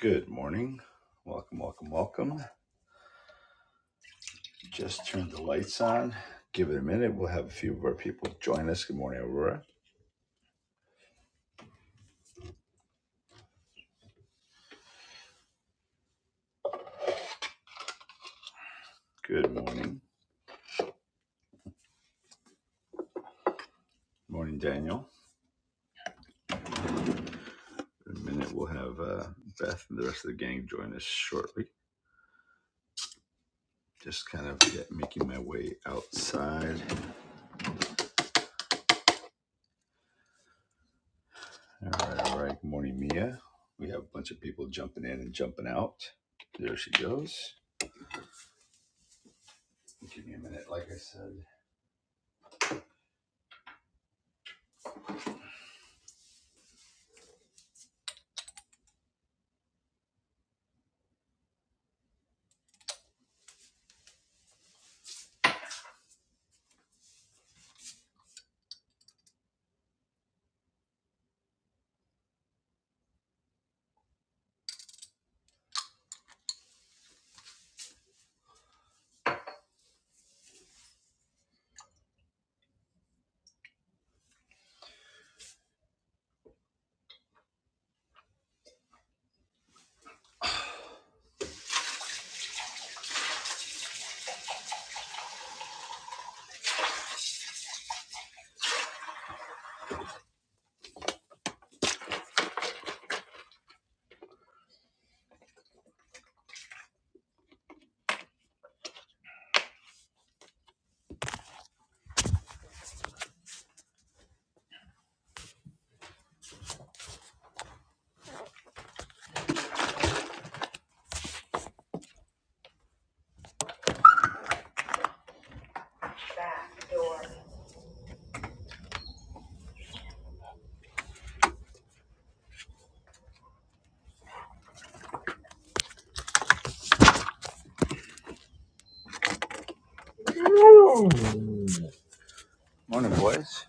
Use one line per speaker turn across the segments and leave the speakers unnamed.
Good morning. Welcome, welcome, welcome. Just turned the lights on. Give it a minute. We'll have a few of our people join us. Good morning, Aurora. Good morning. Morning, Daniel. In a minute, we'll have uh, Beth and the rest of the gang join us shortly. Just kind of get, making my way outside. All right, all right. Good morning, Mia. We have a bunch of people jumping in and jumping out. There she goes. Give me a minute, like I said. Back door. Morning, boys.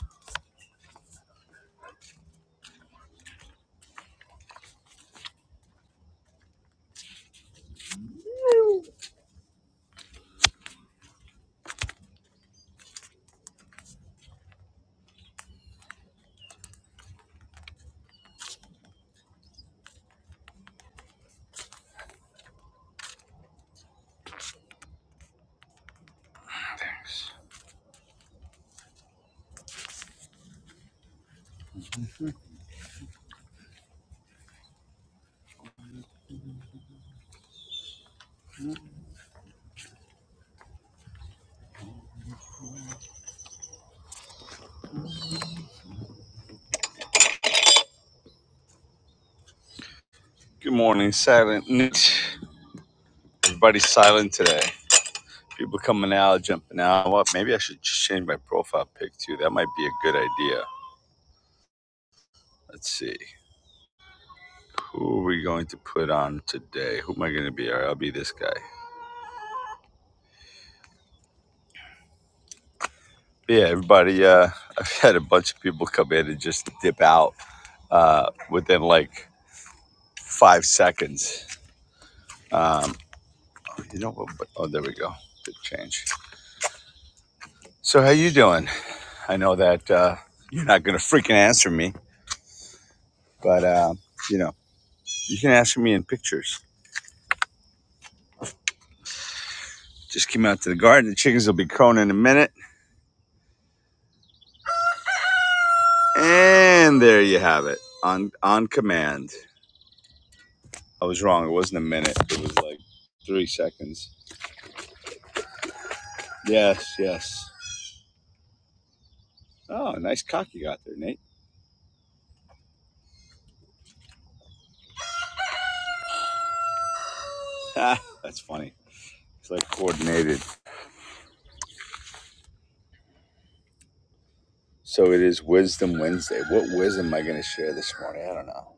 Thanks. Good morning, Silent Night. Everybody's silent today. People coming out, jumping out. What? Maybe I should just change my profile pic too. That might be a good idea. Let's see. Who are we going to put on today? Who am I going to be? All right, I'll be this guy. But yeah, everybody. Uh, I've had a bunch of people come in and just dip out uh, within like five seconds. Oh, you know what? Oh, there we go. Good change. So how you doing? I know that uh, you're not going to freaking answer me, but uh, you know you can answer me in pictures. Just came out to the garden. The chickens will be crowing in a minute. And there you have it. On on command. I was wrong. It wasn't a minute. It was like three seconds. Yes, yes. Oh, nice cock you got there, Nate. Ha, that's funny. It's like coordinated. So it is Wisdom Wednesday. What wisdom am I going to share this morning? I don't know.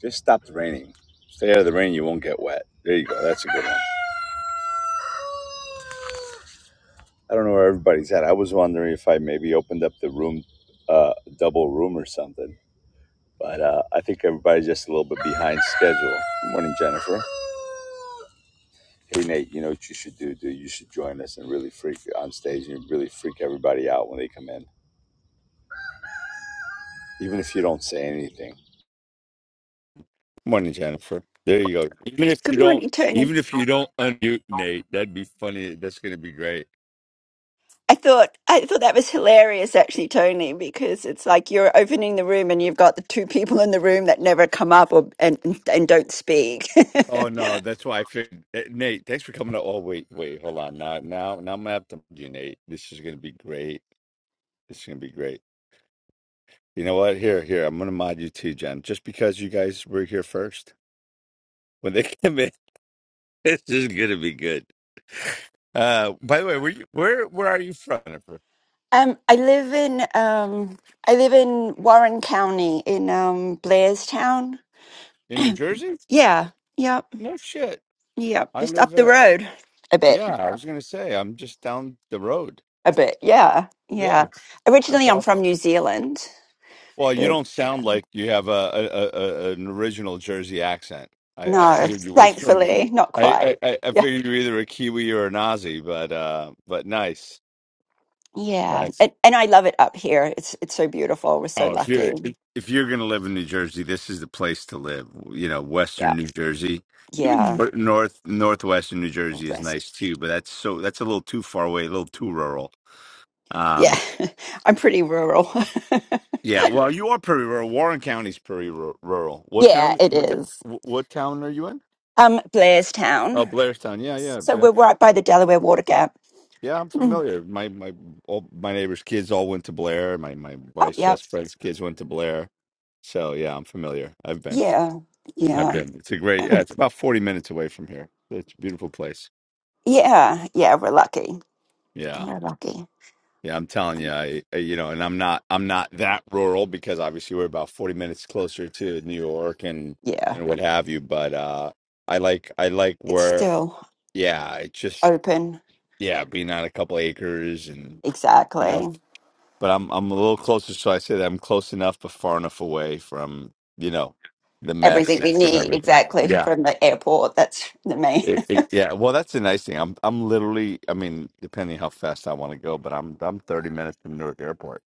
Just stop the raining. Stay out of the rain. You won't get wet. There you go. That's a good one. I don't know where everybody's at. I was wondering if I maybe opened up the room, uh, double room or something But uh, I think everybody's just a little bit behind schedule. Good morning, Jennifer. Hey, Nate, you know what you should do, dude? You should join us and really freak on stage and really freak everybody out when they come in, even if you don't say anything. Morning, Jennifer. There you go. Even if
Good
you don't,
morning, Tony.
even if you don't unmute Nate, that'd be funny. That's gonna be great.
I thought I thought that was hilarious, actually, Tony, because it's like you're opening the room and you've got the two people in the room that never come up or and and don't speak.
Oh no, that's why I figured. eh, Nate, thanks for coming. To, oh wait, wait, hold on. Now, now, now I'm gonna have to unmute you, Nate. This is gonna be great. This is gonna be great. You know what? Here, here. I'm gonna mod you too, Jen. Just because you guys were here first. When they come in, this is gonna be good. Uh, by the way, where you, where where are you from? Jennifer?
um, I live in um, I live in Warren County in um, Blairstown.
In New Jersey?
Yeah, yep,
No shit.
yep,
I
just up
live.
the
Uh,
road a bit,
yeah, I was gonna say I'm just down the road.
a bit. Yeah, yeah.
Yeah,
Originally,
that's
I'm from
awesome.
New Zealand,
Well, you
but
don't sound like you have a, a, a, a an original Jersey accent. I, I
no,
figured you were from.
thankfully, not
I,
quite.
I I I figured you're either a Kiwi or an Aussie, but uh, but nice,
Yeah,
nice,
and and I love it up here. It's it's so beautiful. We're so
Oh, if
lucky.
you're if you're gonna live in New Jersey, this is the place to live. You know,
Yeah,
Western New Jersey, even
yeah.
nor- North Northwestern New Jersey is
Blessed.
nice too, but that's so that's a little too far away, a little too rural.
Yeah,
Um,
I'm pretty rural.
yeah, well, you are pretty rural. Warren County's pretty ru- rural. What
Yeah,
town?
it
What ta-
is.
wh- what town are you in?
Um,
Oh,
Blairstown.
Blairstown. Yeah, yeah,
So
yeah,
we're right by the Delaware Water Gap.
yeah. I'm
Mm.
familiar. My my all my neighbors' kids all went to Blair. My my
Oh,
wife's
yeah,
best friend's kids went to Blair. So yeah, I'm familiar. I've been.
yeah,
I've
yeah,
been. It's a great. Yeah, it's about forty minutes away from here. It's a beautiful place.
yeah, yeah. We're lucky.
Yeah,
We're lucky.
yeah. I'm telling you, I, I- you know, and I'm not, I'm not that rural because obviously we're about forty minutes closer to New York and
Yeah,
and what have you. But uh, I like, I like
it's
where,
still
yeah, it's just,
open.
yeah, being on a couple acres and you know.
Exactly.
But I'm, I'm a little closer, so I say that I'm close enough, but far enough away from, you know, the mess
Everything we
and
need,
everything.
exactly,
Yeah.
from the airport. That's the main.
It, it- yeah, well, that's the nice thing. I'm I'm literally, I mean, depending how fast I want to go, but I'm I'm 30 minutes from Newark Airport.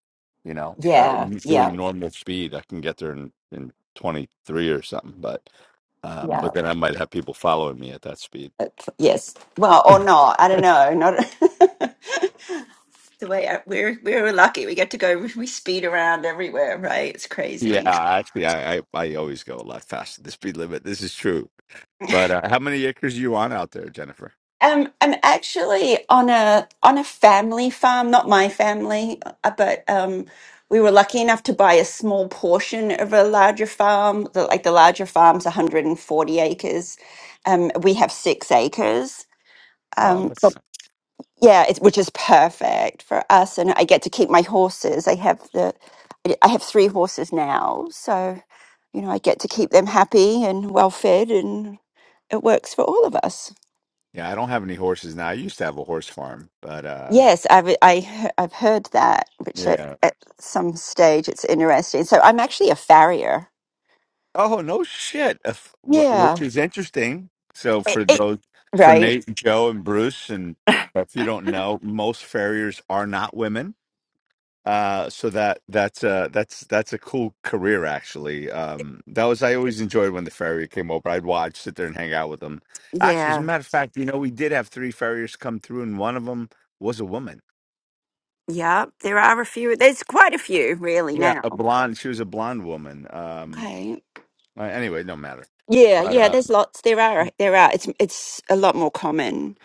You know, uh,
Yeah, yeah,
doing normal speed, I can get there in in 23 or something. But um,
yeah.
but then I might have people following me at that speed.
Yes. Well, or not. I don't know. Not the way I, we're we're lucky. We get to go. We speed around everywhere, right? It's
Yeah,
crazy.
actually, I, I I always go a lot faster than the speed limit. This is true. But uh, how many acres are you on out there, Jennifer?
Um, I'm actually on a on a family farm, not my family, uh, but um, we were lucky enough to buy a small portion of a larger farm. The, like the larger farm's 140 acres. Um, we have six acres.
No,
Um,
that's
yeah, it, which is perfect for us. And I get to keep my horses. I have the, I I have three horses now, so you know I get to keep them happy and well fed, and it works for all of us.
yeah. I don't have any horses now. I used to have a horse farm, but uh,
Yes, I've I, he- I've heard that, which at,
yeah.
at some stage it's interesting. So I'm actually a farrier.
Oh, no shit. If- wh- Which
Yeah,
is interesting. So
it,
for
it
those, for
right.
Nate, Joe, and Bruce, and if you don't know, most farriers are not women. Uh, so that that's uh that's that's a cool career actually. Um, that was I always enjoyed when the farrier came over. I'd watch, sit there, and hang out with them. Actually, as a
Yeah,
matter of fact, you know, we did have three farriers come through, and one of them was a woman.
yeah. There are a few. There's quite a few really
Yeah, a
now.
blonde. She was a blonde woman. Um,
Okay.
uh, anyway, no matter.
Yeah,
But
yeah,
uh,
there's lots. There are, there are. It's it's a lot more common.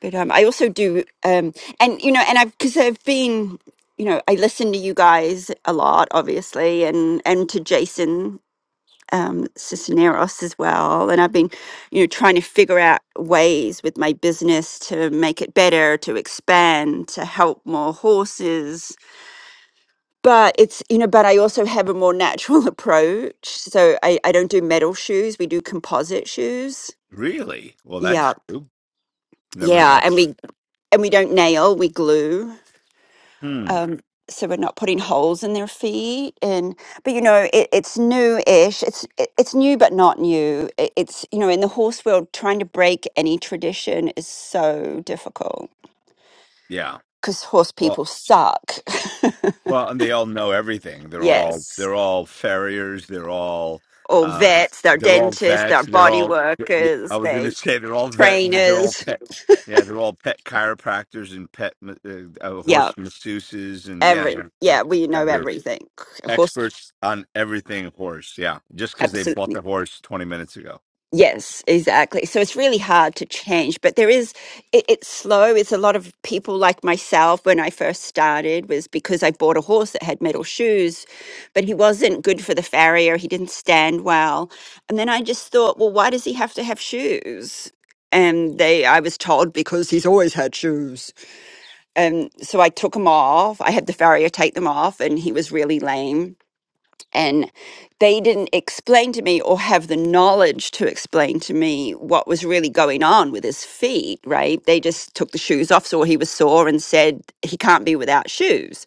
But um, I also do, um, and you know, and I've because I've been, you know, I listen to you guys a lot, obviously, and and to Jason um, Cisneros as well. And I've been, you know, trying to figure out ways with my business to make it better, to expand, to help more horses. But it's, you know, but I also have a more natural approach. So I, I don't do metal shoes. We do composite shoes
really, well, that's
yeah,
true. Never heard
yeah, and
that.
we and we don't nail, we glue.
Hmm.
Um, so we're not putting holes in their feet, and but you know it, it's new-ish. It's it, it's new but not new. It, it's you know in the horse world, trying to break any tradition is so difficult
Yeah.
because horse
Well,
people suck.
well, and they all know everything. They're all
yes,
they're all farriers. They're all
all
uh,
vets, they're
they're all
dentists, they're
vets. They're
body
all. I
workers,
was going to
they
say they're all vet. They're all
trainers.
pet. Yeah, they're all pet chiropractors and pet ma- uh, uh,
Yeah,
horse masseuses and yeah,
every
yeah, yeah,
yeah, we
yeah.
know
They're
everything. Horse
experts on everything horse. Yeah, just because they
absolutely
bought the horse twenty minutes ago.
Yes, exactly. So it's really hard to change, but there is, it, it's slow. It's a lot of people like myself when I first started was because I bought a horse that had metal shoes, but he wasn't good for the farrier. He didn't stand well. And then I just thought, well, why does he have to have shoes? And they, I was told because he's always had shoes. And so I took them off. I had the farrier take them off and he was really lame and they didn't explain to me or have the knowledge to explain to me what was really going on with his feet right they just took the shoes off saw he was sore and said he can't be without shoes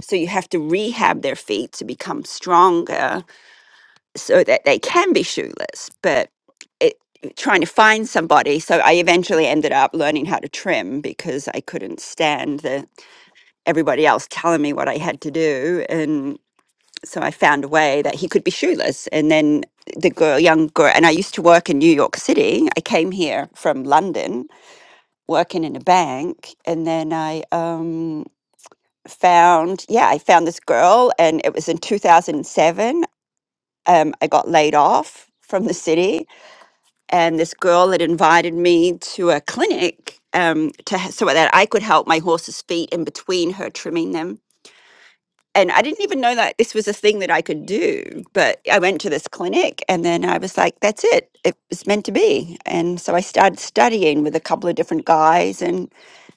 so you have to rehab their feet to become stronger so that they can be shoeless but it trying to find somebody so i eventually ended up learning how to trim because i couldn't stand the everybody else telling me what i had to do and so I found a way that he could be shoeless. And then the girl, young girl, and I used to work in New York City. I came here from London working in a bank, and then I um, found, yeah, I found this girl, and it was in 2007. Um, I got laid off from the city, and this girl had invited me to a clinic. Um, to h- so that I could help my horse's feet in between her trimming them and I didn't even know that this was a thing that I could do. But I went to this clinic and then I was like, that's it. It was meant to be. And so I started studying with a couple of different guys. And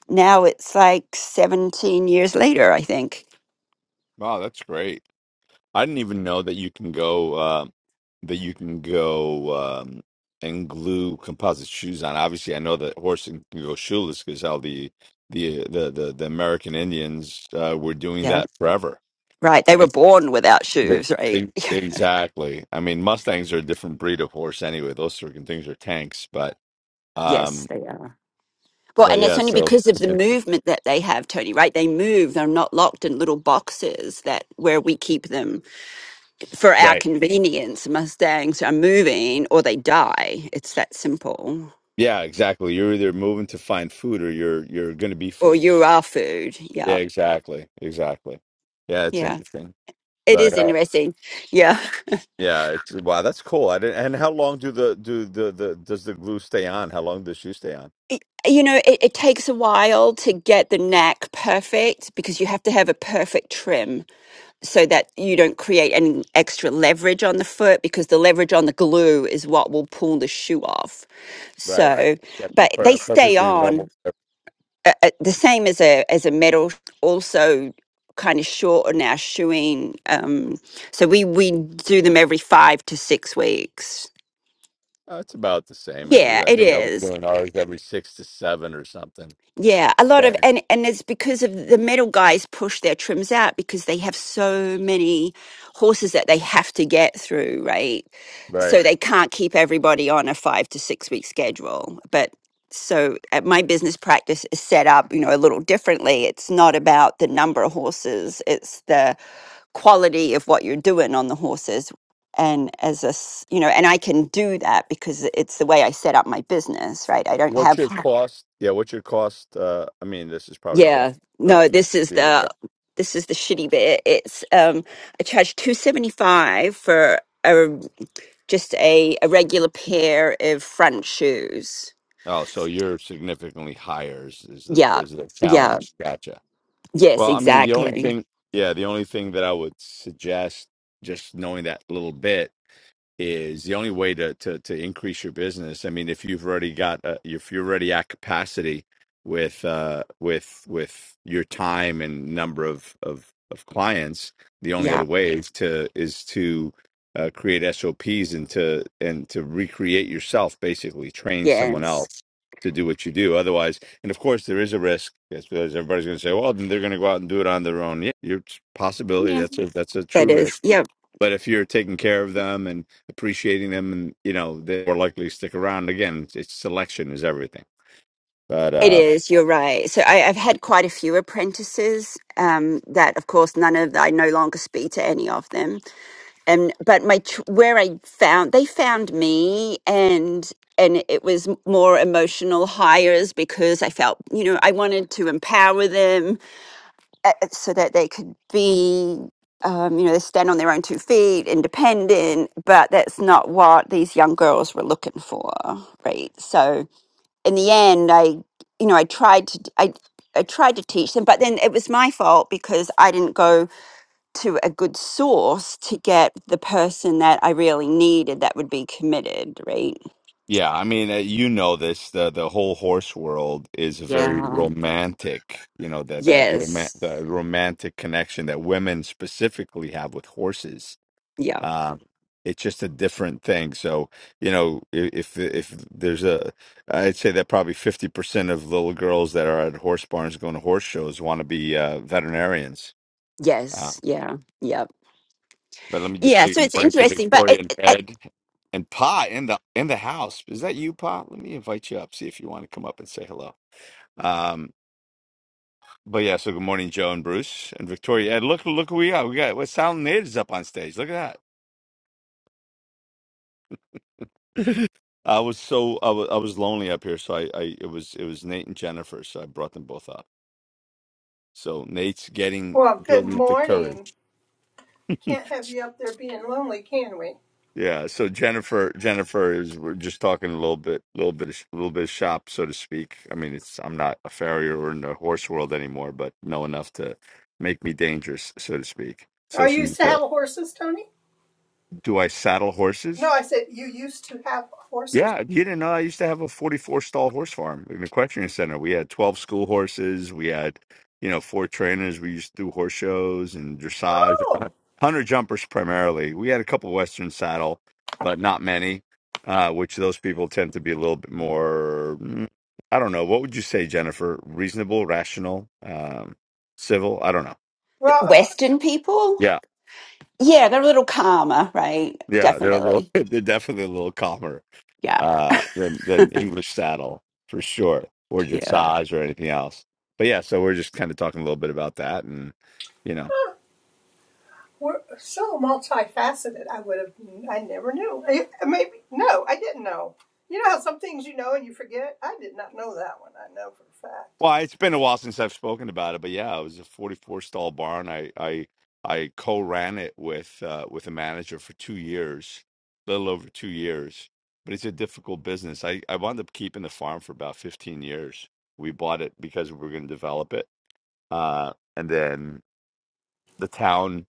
now it's like 17 years later, I think.
Wow, that's great. I didn't even know that you can go uh, that you can go um, and glue composite shoes on. Obviously, I know that horse can can go shoeless because how the the, the the the American Indians uh, were doing
Yeah.
that forever,
Right. They were
right?
born without
They-
shoes, right?
e- Exactly. I mean, Mustangs are a different breed of horse anyway. Those freaking things are tanks, but
Yes,
um,
they are. Well,
but
and it's
yeah.
only
So
because of the movement that they have, Tony, right? They move. They're not locked in little boxes that where we keep them for our
right,
convenience, Mustangs are moving or they die. It's that simple.
yeah, exactly. You're either moving to find food or you're you're going to be
Or
food.
you are food.
Yeah,
Yeah.
exactly. Exactly. Yeah, it's
Yeah.
interesting.
It
But
is
uh
interesting. Yeah.
yeah, it's wow, that's cool. I didn't and how long do the do the, the does the glue stay on? How long does shoe stay on?
You know, it, it takes a while to get the knack perfect because you have to have a perfect trim so that you don't create any extra leverage on the foot because the leverage on the glue is what will pull the shoe off.
Right.
So,
It's gotta be
but they
per
stay
perfectly
on
level. Uh,
uh, uh, the same as a as a medal also kind of short on our shoeing um so we we do them every five to six weeks
it's about the same. It was
yeah
I
it
think I was
is
doing ours every six to seven or something.
Yeah, a lot of
Right.
and and it's because of the metal guys push their trims out because they have so many horses that they have to get through, right? So
Right.
they can't keep everybody on a 5 to 6 week schedule. But so at my business practice is set up, you know, a little differently. It's not about the number of horses, it's the quality of what you're doing on the horses. And as a, s- you know, and I can do that because it's the way I set up my business, right? I don't
What's your
have
cost? Yeah, what's your cost? Uh I mean this is probably bar-
yeah.
uh
No, this is
deal,
the
but-
this is the shitty bit. It's um I charge 275 for a just a, a regular pair of front shoes.
Oh, so you're significantly higher is, is the
Yeah.
is the
Yeah.
challenge. Gotcha.
Yes,
Well, I mean, the only
exactly.
thing, yeah, the only thing that I would suggest, just knowing that little bit, is the only way to to to increase your business. I mean, if you've already got uh, if you're already at capacity with uh with with your time and number of of of clients, the only
Yeah.
other way is to is to uh, create SOPs and to and to recreate yourself, basically train someone
Yes.
else to do what you do. Otherwise, and of course, there is a risk yes, because everybody's going to say, "Well, then they're going to go out and do it on their own." Yeah, your possibility
Yeah.
that's a that's a
That
true risk
is. Yeah.
but if you're taking care of them and appreciating them and you know they're more likely to stick around again it's, it's selection is everything but
It
uh
is. You're right. So I, I've had quite a few apprentices um, that, of course, none of I no longer speak to any of them and but my ch- where I found they found me and and it was m- more emotional hires because I felt you know I wanted to empower them uh, uh, so that they could be um, you know they stand on their own two feet independent but that's not what these young girls were looking for right so in the end I you know I tried to d- I I tried to teach them but then it was my fault because I didn't go to a good source to get the person that I really needed that would be committed, right?
yeah i mean uh, you know this the the whole horse world is very
Yeah.
romantic you know that that roman-
Yes.
the romantic connection that women specifically have with horses
Yeah.
um it's just a different thing so you know i- if if there's a i'd say that probably 50% of little girls that are at horse barns going to horse shows want to be uh, veterinarians Uh,
Yes. Yeah. Yeah.
but let me just
Yeah.
say
So
good
it's
morning to
interesting, but
Victoria
it,
and
it, it-
Ed and Pa in the in the house. Is that you, Pa? Let me invite you up. See if you want to come up and say hello. Um, but yeah, so good morning, Joe and Bruce and Victoria. Ed, look look who we got. We got what Sound Natives up on stage. Look at that. I was so I was I was lonely up here, so I, I it was it was Nate and Jennifer, so I brought them both up. So Nate's getting
Well, good
building up the
morning.
courage.
Can't have you up there being lonely, can we?
Yeah, so Jennifer, Jennifer is we're just talking a little bit, little bit, of, little bit of shop, so to speak. I mean, it's I'm not a farrier or in the horse world anymore, but know enough to make me dangerous, so to speak.
Oh,
So
you
she,
used to
uh,
have horses, Tony?
do I saddle horses?
No, I said you used to have horses.
Yeah, you didn't know I used to have a 44 stall horse farm in the equestrian center. We had 12 school horses. We had, you know, four trainers. We used to do horse shows and dressage,
Oh,
hunter jumpers primarily. We had a couple Western saddle, but not many, uh, which those people tend to be a little bit more, mm, I don't know. What would you say, Jennifer? Reasonable, rational, um, civil? I don't know.
well, of course,
Western people,
Yeah.
yeah, they're a little calmer, right?
Yeah. They're a little,
Definitely.
they're definitely a little calmer.
Yeah.
uh, than than English saddle for sure, or
Yeah.
dressage or anything else. But yeah, so we're just kind of talking a little bit about that, and you know,
we're so multifaceted. I would have, I never knew. I- Maybe no, I didn't know. You know how some things you know and you forget. I did not know that one. I know
well, it's been a while since I've spoken about it, but yeah, it was a 44 stall barn. I I I co-ran it with uh, with a manager for two years, little over two years. But it's a difficult business. I I wound up keeping the farm for about 15 years. We bought it because we were going to develop it, uh, and then the town.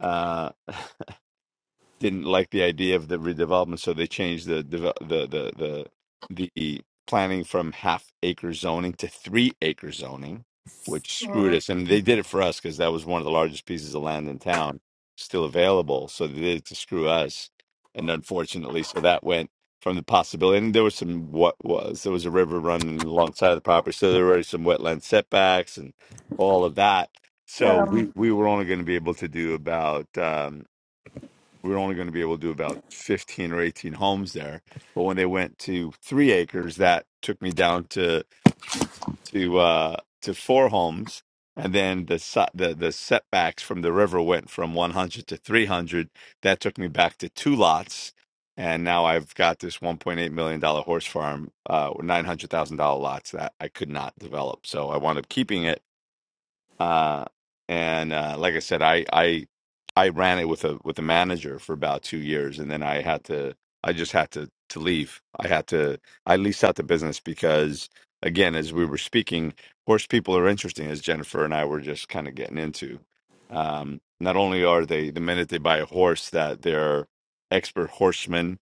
Uh, didn't like the idea of the redevelopment, so they changed the deve- the the the the planning from half acre zoning to three acre zoning, which screwed
for
us. And
a fact.
they did it for us because that was one of the largest pieces of land in town still available. So they did it to screw us, and unfortunately, so that went from the possibility. And there was some what was there was a river running alongside of the property, so there were some wetland setbacks and all of that. So
Mm.
we we were only going to be able to do about. Um, we were only going to be able to do about 15 or 18 homes there but when they went to three acres that took me down to to uh to four homes and then the si- the the setbacks from the river went from 100 to 300 that took me back to two lots and now i've got this 1.8 million dollar horse farm uh $900000 lots that i could not develop so i wound up keeping it uh, and uh, like I said, I I I ran it with a with a manager for about two years, and then I had to I just had to to leave. I had to I leased out the business because again, as we were speaking, horse people are interesting, as Jennifer and I were just kind of getting into. Um, not only are they the minute they buy a horse that they're expert horsemen,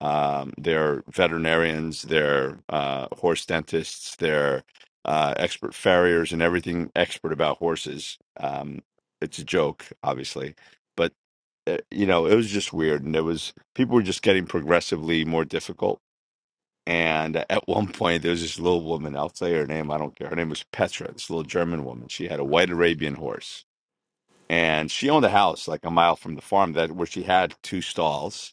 um, they're veterinarians, they're uh, horse dentists, they're uh, expert farriers and everything expert about horses. Um, it's a joke, obviously, but uh, you know it was just weird, and it was people were just getting progressively more difficult. And at one point, there was this little woman. I'll say her name. I don't care. Her name was Petra. This little German woman. She had a white Arabian horse, and she owned a house like a mile from the farm that where she had two stalls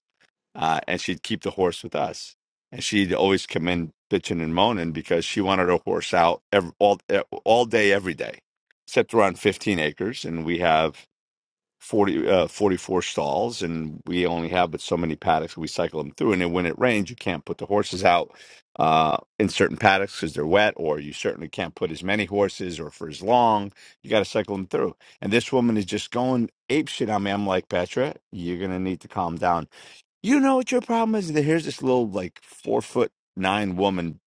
uh, and she'd keep the horse with us. And she'd always come in bitching and moaning because she wanted her horse out ev all eh, all day, every day. Except we're on 15 acres, and we have 40 uh, 44 stalls, and we only have but so many paddocks. We cycle them through, and then when it rains, you can't put the horses out uh, in certain paddocks because they're wet, or you certainly can't put as many horses or for as long. You got to cycle them through. And this woman is just going ape shit on me. I'm like, Petra, you're gonna need to calm down you know what your problem is? Here's this little like four foot nine woman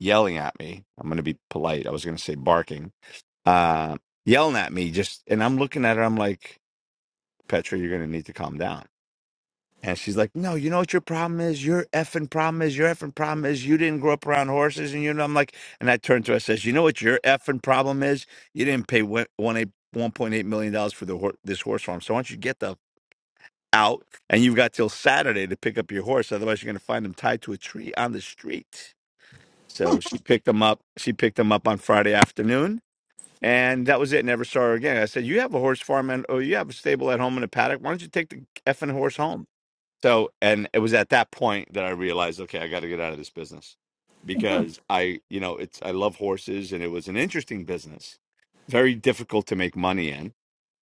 yelling at me. I'm gonna be polite. I was gonna say barking. Uh yelling at me just and I'm looking at her, I'm like, Petra, you're gonna need to calm down. And she's like, No, you know what your problem is? Your effing problem is your effing problem is you didn't grow up around horses and you know I'm like and I turned to her, I says, You know what your effing problem is? You didn't pay one one eight one point eight million dollars for the hor- this horse farm. So why don't you get the out, and you've got till Saturday to pick up your horse. Otherwise, you're going to find him tied to a tree on the street. So she picked him up. She picked him up on Friday afternoon, and that was it. Never saw her again. I said, "You have a horse farm, and oh, you have a stable at home in a paddock. Why don't you take the effing horse home?" So, and it was at that point that I realized, okay, I got to get out of this business
Um,
because I, you know, it's I love horses, and it was an interesting business, very difficult to make money in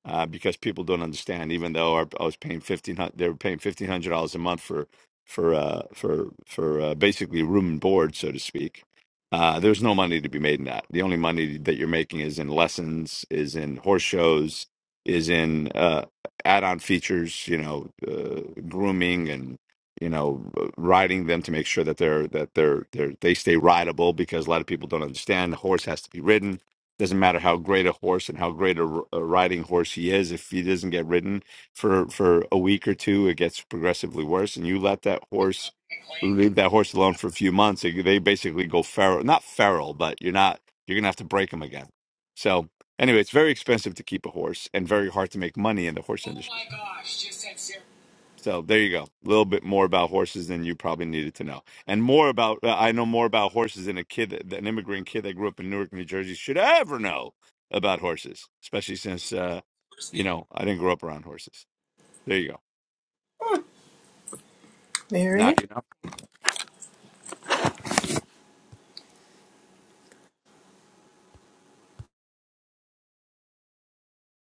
uh, because people don't understand. Even though our, I was paying fifteen hundred, they were paying fifteen hundred dollars a month for for uh, for for uh, basically room and board, so to speak. Uh, there's no money to be made in that. The only money that you're making is in lessons, is in horse shows, is in uh, add-on features. You know, uh, grooming and you know uh, riding them to make sure that they're that they're, they're they stay rideable because a lot of people don't understand the horse has to be ridden doesn't matter how great a horse and how great a, r- a riding horse he is. If he doesn't get ridden for for a week or two, it gets progressively worse. And you let that horse leave that horse alone for a few months, it- they basically go feral. Not feral, but you're not you're gonna have to break them again. So anyway, it's very expensive to keep a horse and very hard to make money in the horse industry. So there you go. A little bit more about horses than you probably needed to know, and more about uh, I know more about horses than a kid, that, that an immigrant kid that grew up in Newark, New Jersey, should ever know about horses. Especially since uh, you know I didn't grow up around horses. There you go.
very.
Now you know.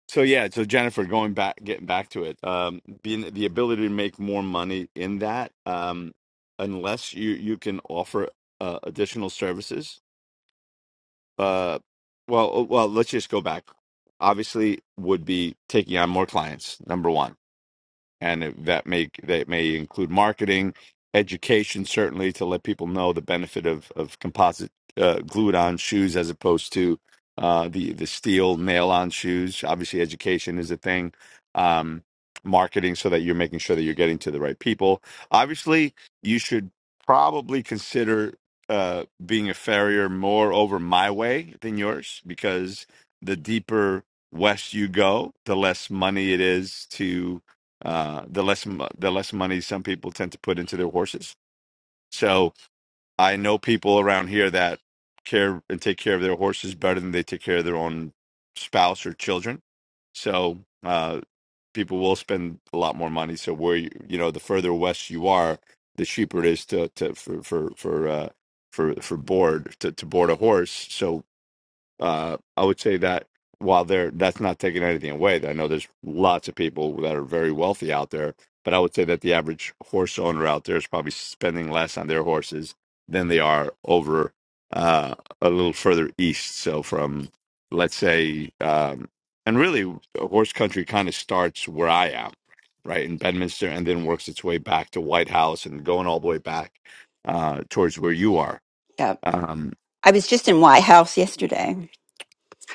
So yeah. So Jennifer, going back, getting back to it, um, being the ability to make more money in that, um, unless you you can offer uh, additional services uh well well let's just go back obviously would be taking on more clients number one and it, that may that may include marketing, education, certainly to let people know the benefit of of composite uh, glued on shoes as opposed to uh, the the steel nail on shoes. Obviously, education is a thing. Um, marketing so that you're making sure that you're getting to the right people. Obviously, you should probably consider uh, being a farrier more over my way than yours because the deeper west you go, the less money it is to uh, the less mo- the less money some people tend to put into their horses. So I know people around here that care and take care of their horses better than they take care of their own spouse or children. So uh, people will spend a lot more money. So where you, you know the further west you are, the cheaper it is to to for for for uh, for for board to, to board a horse. So uh, I would say that while there, that's not taking anything away. I know there's lots of people that are very wealthy out there, but I would say that the average horse owner out there is probably spending less on their horses than they are over uh, a little further east. So from, let's say, um, and really, horse country kind of starts where I am, right in Bedminster, and then works its way back to White House and going all the way back uh, towards where you are.
Yeah.
Um,
I was just in White House yesterday.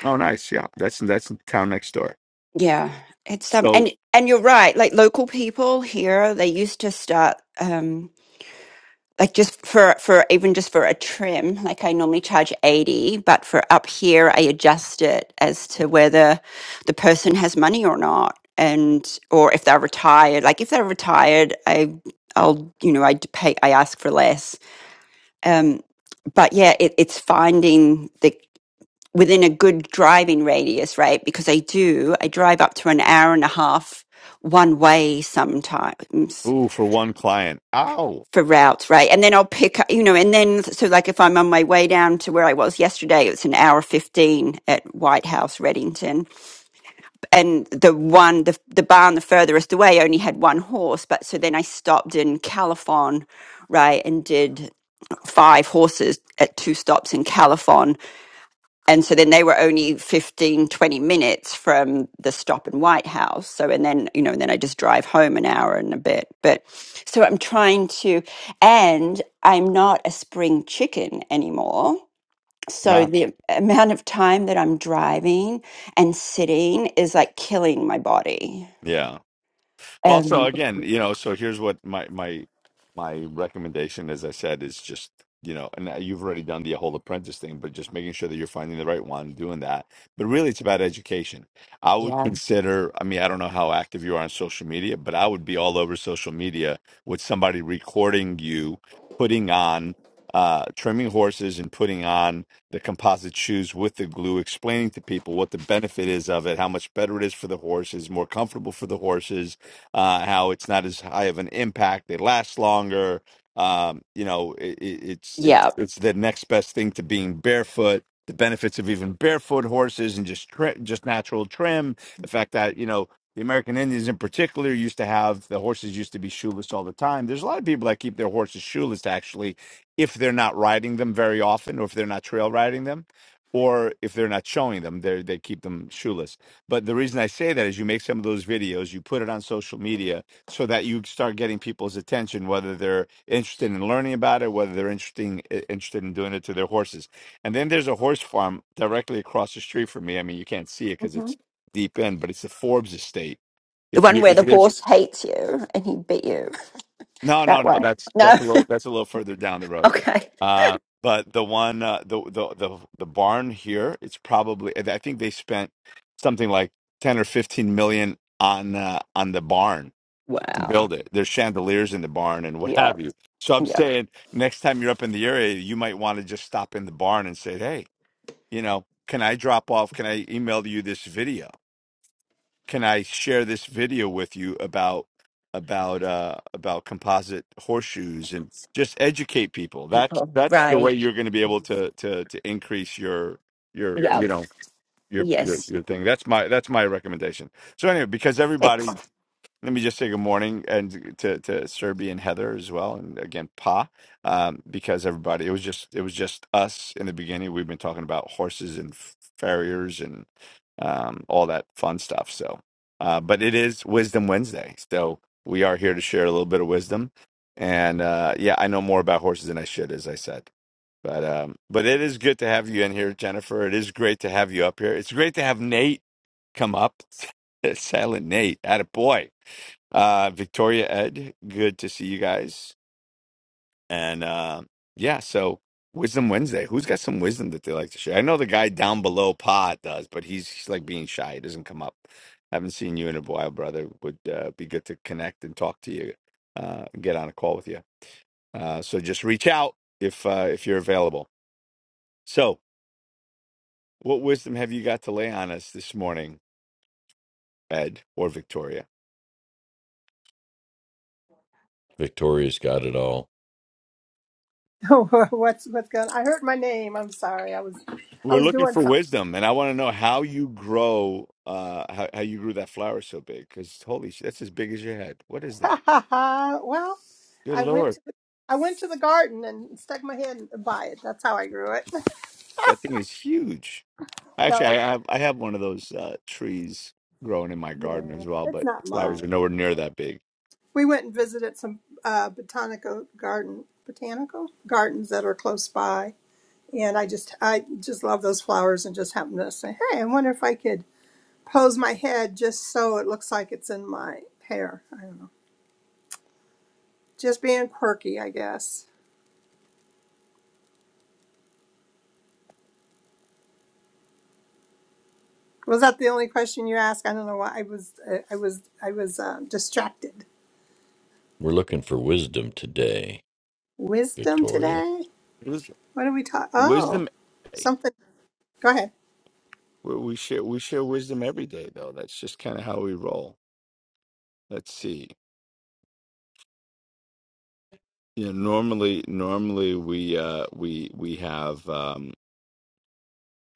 oh, nice. Yeah, that's that's the town next door.
Yeah. It's um
So,
and and you're right. Like local people here, they used to start um like just for for even just for a trim like i normally charge 80 but for up here i adjust it as to whether the person has money or not and or if they're retired like if they're retired i i'll you know i d- pay i ask for less um but yeah it, it's finding the within a good driving radius right because i do i drive up to an hour and a half one way sometimes
ooh, for one client, ow,
for routes, right? And then I'll pick up, you know, and then so like if I'm on my way down to where I was yesterday, it's an hour 15 at White House, Reddington. And the one, the, the barn the furthest away only had one horse. But so then I stopped in Califon, right? And did five horses at two stops in Califon and so then they were only 15, 20 minutes from the stop in white house so and then you know and then i just drive home an hour and a bit but so i'm trying to and i'm not a spring chicken anymore so
not
the amount of time that i'm driving and sitting is like killing my body
yeah. also
um
again you know so here's what my my my recommendation as i said is just you know and uh, you've already done the whole apprentice thing but just making sure that you're finding the right one doing that but really it's about education i would consider i mean i don't know how active you are on social media but i would be all over social media with somebody recording you putting on uh, trimming horses and putting on the composite shoes with the glue, explaining to people what the benefit is of it, how much better it is for the horses, more comfortable for the horses, uh, how it's not as high of an impact. They last longer. Um, you know, it, it, it's it's
yeah
it's the next best thing to being barefoot. The benefits of even barefoot horses and just tri- just natural trim. The fact that you know the American Indians in particular used to have the horses used to be shoeless all the time. There's a lot of people that keep their horses shoeless actually, if they're not riding them very often, or if they're not trail riding them, or if they're not showing them, they they keep them shoeless. But the reason I say that is you make some of those videos, you put it on social media so that you start getting people's attention, whether they're interested in learning about it, whether they're interesting, interested in doing it to their horses. And then there's a horse farm directly across the street from me. I mean, you can't see it because
hmm
it's deep in, but it's the Forbes estate.
the
If
one
you
where
if
the
there's
horse hates you and he bit you
no, no,
that
no.
one
That's
no
that's a little that's a little further down the road.
okay
Uh, but the one uh, the, the the the barn here, it's probably I think they spent something like ten or fifteen million on uh, on the barn to
wow
build it. There's chandeliers in the barn and what
yeah
have you. So I'm
yeah
saying next time you're up in the area, you might want to just stop in the barn and say, hey, you know, can I drop off? Can I email you this video? can I share this video with you about about uh about composite horseshoes and just educate people. That's
people.
that's the
Right.
way you're going to be able to to to increase your your
Yeah.
you know your your
Yes.
your thing. That's my that's my recommendation. So anyway, because
Thanks,
everybody let me just say good morning and to to Serby and Heather as well, and again Pa, um, because everybody it was just it was just us in the beginning. We've been talking about horses and farriers and um, all that fun stuff. So, uh, but it is Wisdom Wednesday, so we are here to share a little bit of wisdom. And uh, yeah, I know more about horses than I should, as I said. But um, but it is good to have you in here, Jennifer. It is great to have you up here. It's great to have Nate come up, Silent Nate, at a boy. Uh, Victoria, Ed, good to see you guys. And uh, yeah, so Wisdom Wednesday. Who's got some wisdom that they like to share? I know the guy down below Pod does, but he's, he's like being shy. He doesn't come up. Haven't seen you in a while, brother. Would uh, be good to connect and talk to you, uh, and get on a call with you. Uh, so just reach out if uh, if you're available. So, what wisdom have you got to lay on us this morning, Ed or Victoria?
Victoria's got it all.
What's what's going? on? I heard my name. I'm sorry. I was I
We're
was
looking
doing something.
for wisdom, and I want to know how you grow, uh, how, how you grew that flower so big. Because holy shit, that's as big as your head. What is that?
well,
Good
I went
lord,
to the, I went to the garden and stuck my head by it. That's how I grew it.
that thing is huge. Actually,
no,
I
it,
have I have one of those uh, trees growing in my garden
yeah,
as well,
it's
but
not
the flowers are
mine.
nowhere near that big.
We went and visited some uh, botanical garden botanical gardens that are close by, and I just I just love those flowers and just happened to say, hey, I wonder if I could pose my head just so it looks like it's in my hair. I don't know, just being quirky, I guess. Was that the only question you asked? I don't know why I was uh, I was I was uh, distracted.
We're looking for wisdom today,
Wisdom
Victoria.
today?
Wis-
What are we talking? Oh,
Wisdom, eh,
something. Go ahead.
we we share we share wisdom every day, though. That's just kind of how we roll. Let's see. You know, normally normally we uh, we we have. Um,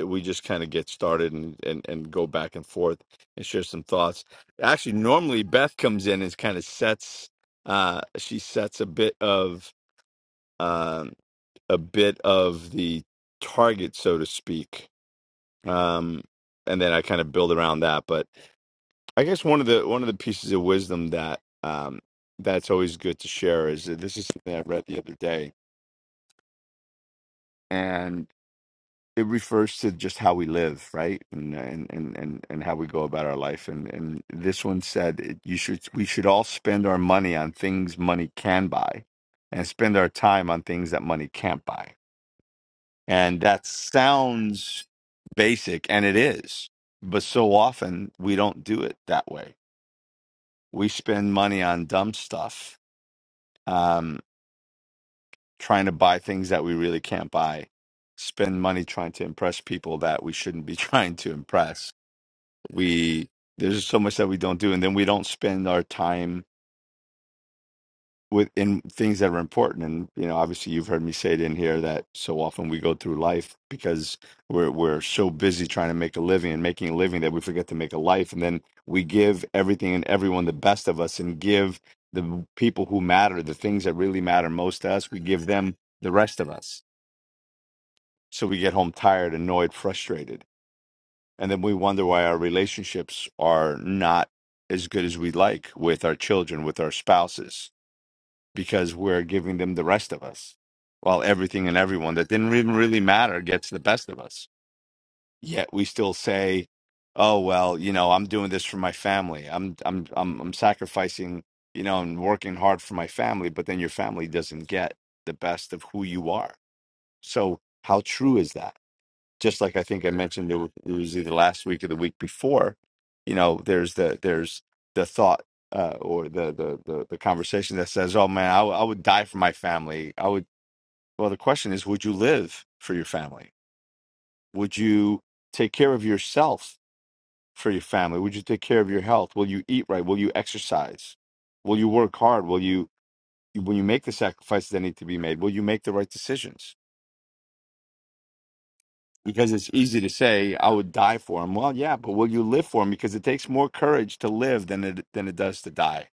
we just kind of get started and, and and go back and forth and share some thoughts actually normally beth comes in and kind of sets uh she sets a bit of um a bit of the target so to speak um and then i kind of build around that but i guess one of the one of the pieces of wisdom that um that's always good to share is that this is something i read the other day and it refers to just how we live, right? And and and and, and how we go about our life. And and this one said it- you should we should all spend our money on things money can buy and spend our time on things that money can't buy. And that sounds basic and it is. But so often we don't do it that way. We spend money on dumb stuff, um, trying to buy things that we really can't buy, spend money trying to impress people that we shouldn't be trying to impress we there's just so much that we don't do and then we don't spend our time with in things that are important and you know obviously you've heard me say it in here that so often we go through life because we're we're so busy trying to make a living and making a living that we forget to make a life and then we give everything and everyone the best of us and give the people who matter the things that really matter most to us we give them the rest of us so we get home tired annoyed frustrated And then we wonder why our relationships are not as good as we like with our children, with our spouses, because we're giving them the rest of us. While everything and everyone that didn't even really matter gets the best of us. Yet we still say, Oh well, you know, I'm doing this for my family. I'm I'm I'm I'm sacrificing, you know, and working hard for my family, but then your family doesn't get the best of who you are. So how true is that? just like I think I mentioned it, wa- it was either last week or the week before, you know, there's the there's the thought uh, or the, the the the conversation that says, "Oh man, I, w- I would die for my family." I would. Well, the question is, would you live for your family? Would you take care of yourself for your family? Would you take care of your health? Will you eat right? Will you exercise? Will you work hard? Will you when you make the sacrifices that need to be made? Will you make the right decisions? because it's easy to say I would die for him. Well, yeah, but will you live for him? Because it takes more courage to live than it than it does to die.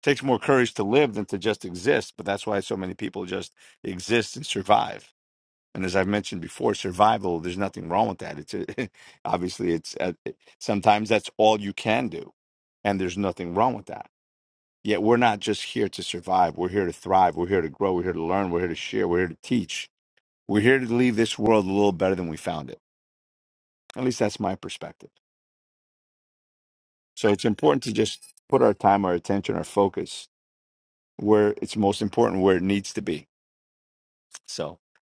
It takes more courage to live than to just exist. But that's why so many people just exist and survive. And as I've mentioned before, survival. There's nothing wrong with that. It's a, obviously it's uh sometimes that's all you can do, and there's nothing wrong with that. Yet we're not just here to survive. We're here to thrive. We're here to grow. We're here to learn. We're here to share. We're here to teach. We're here to leave this world a little better than we found it At least that's my perspective. So it's important to just put our time, our attention, our focus where it's most important, where it needs to be. So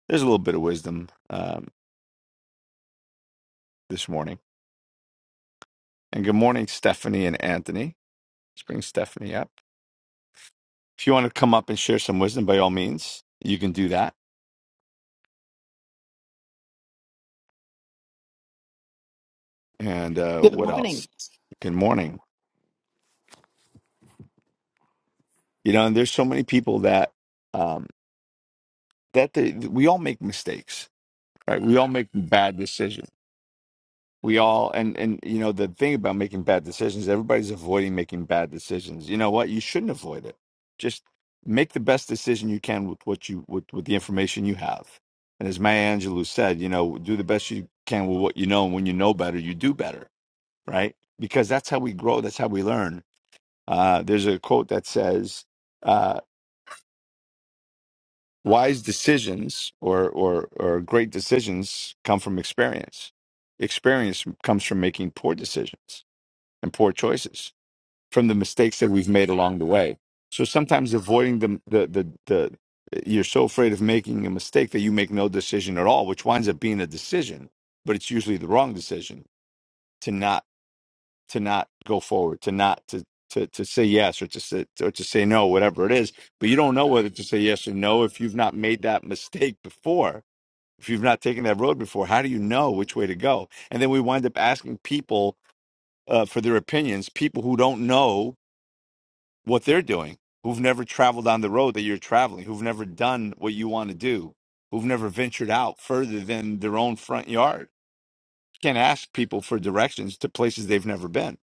there's a little bit of wisdom um, this morning. And good morning, Stephanie and Anthony. Let's bring Stephanie up. If you want to come up and share some wisdom, by all means, you can do that. And uh,
Good
what
morning.
else? Good morning. You know, and there's so many people that um, that they, we all make mistakes, right? We all make bad decisions we all and and you know the thing about making bad decisions everybody's avoiding making bad decisions you know what you shouldn't avoid it just make the best decision you can with what you with, with the information you have and as maya angelou said you know do the best you can with what you know and when you know better you do better right because that's how we grow that's how we learn uh, there's a quote that says uh, wise decisions or or or great decisions come from experience experience comes from making poor decisions and poor choices from the mistakes that we've made along the way. So sometimes avoiding the the the, the you're so afraid of making a mistake that you make no decision at all, which winds up being a decision, but it's usually the wrong decision to not to not go forward, to not to to, to say yes or to say, or to say no, whatever it is. But you don't know whether to say yes or no if you've not made that mistake before. If you've not taken that road before, how do you know which way to go? And then we wind up asking people uh, for their opinions, people who don't know what they're doing, who've never traveled on the road that you're traveling, who've never done what you want to do, who've never ventured out further than their own front yard. You can't ask people for directions to places they've never been.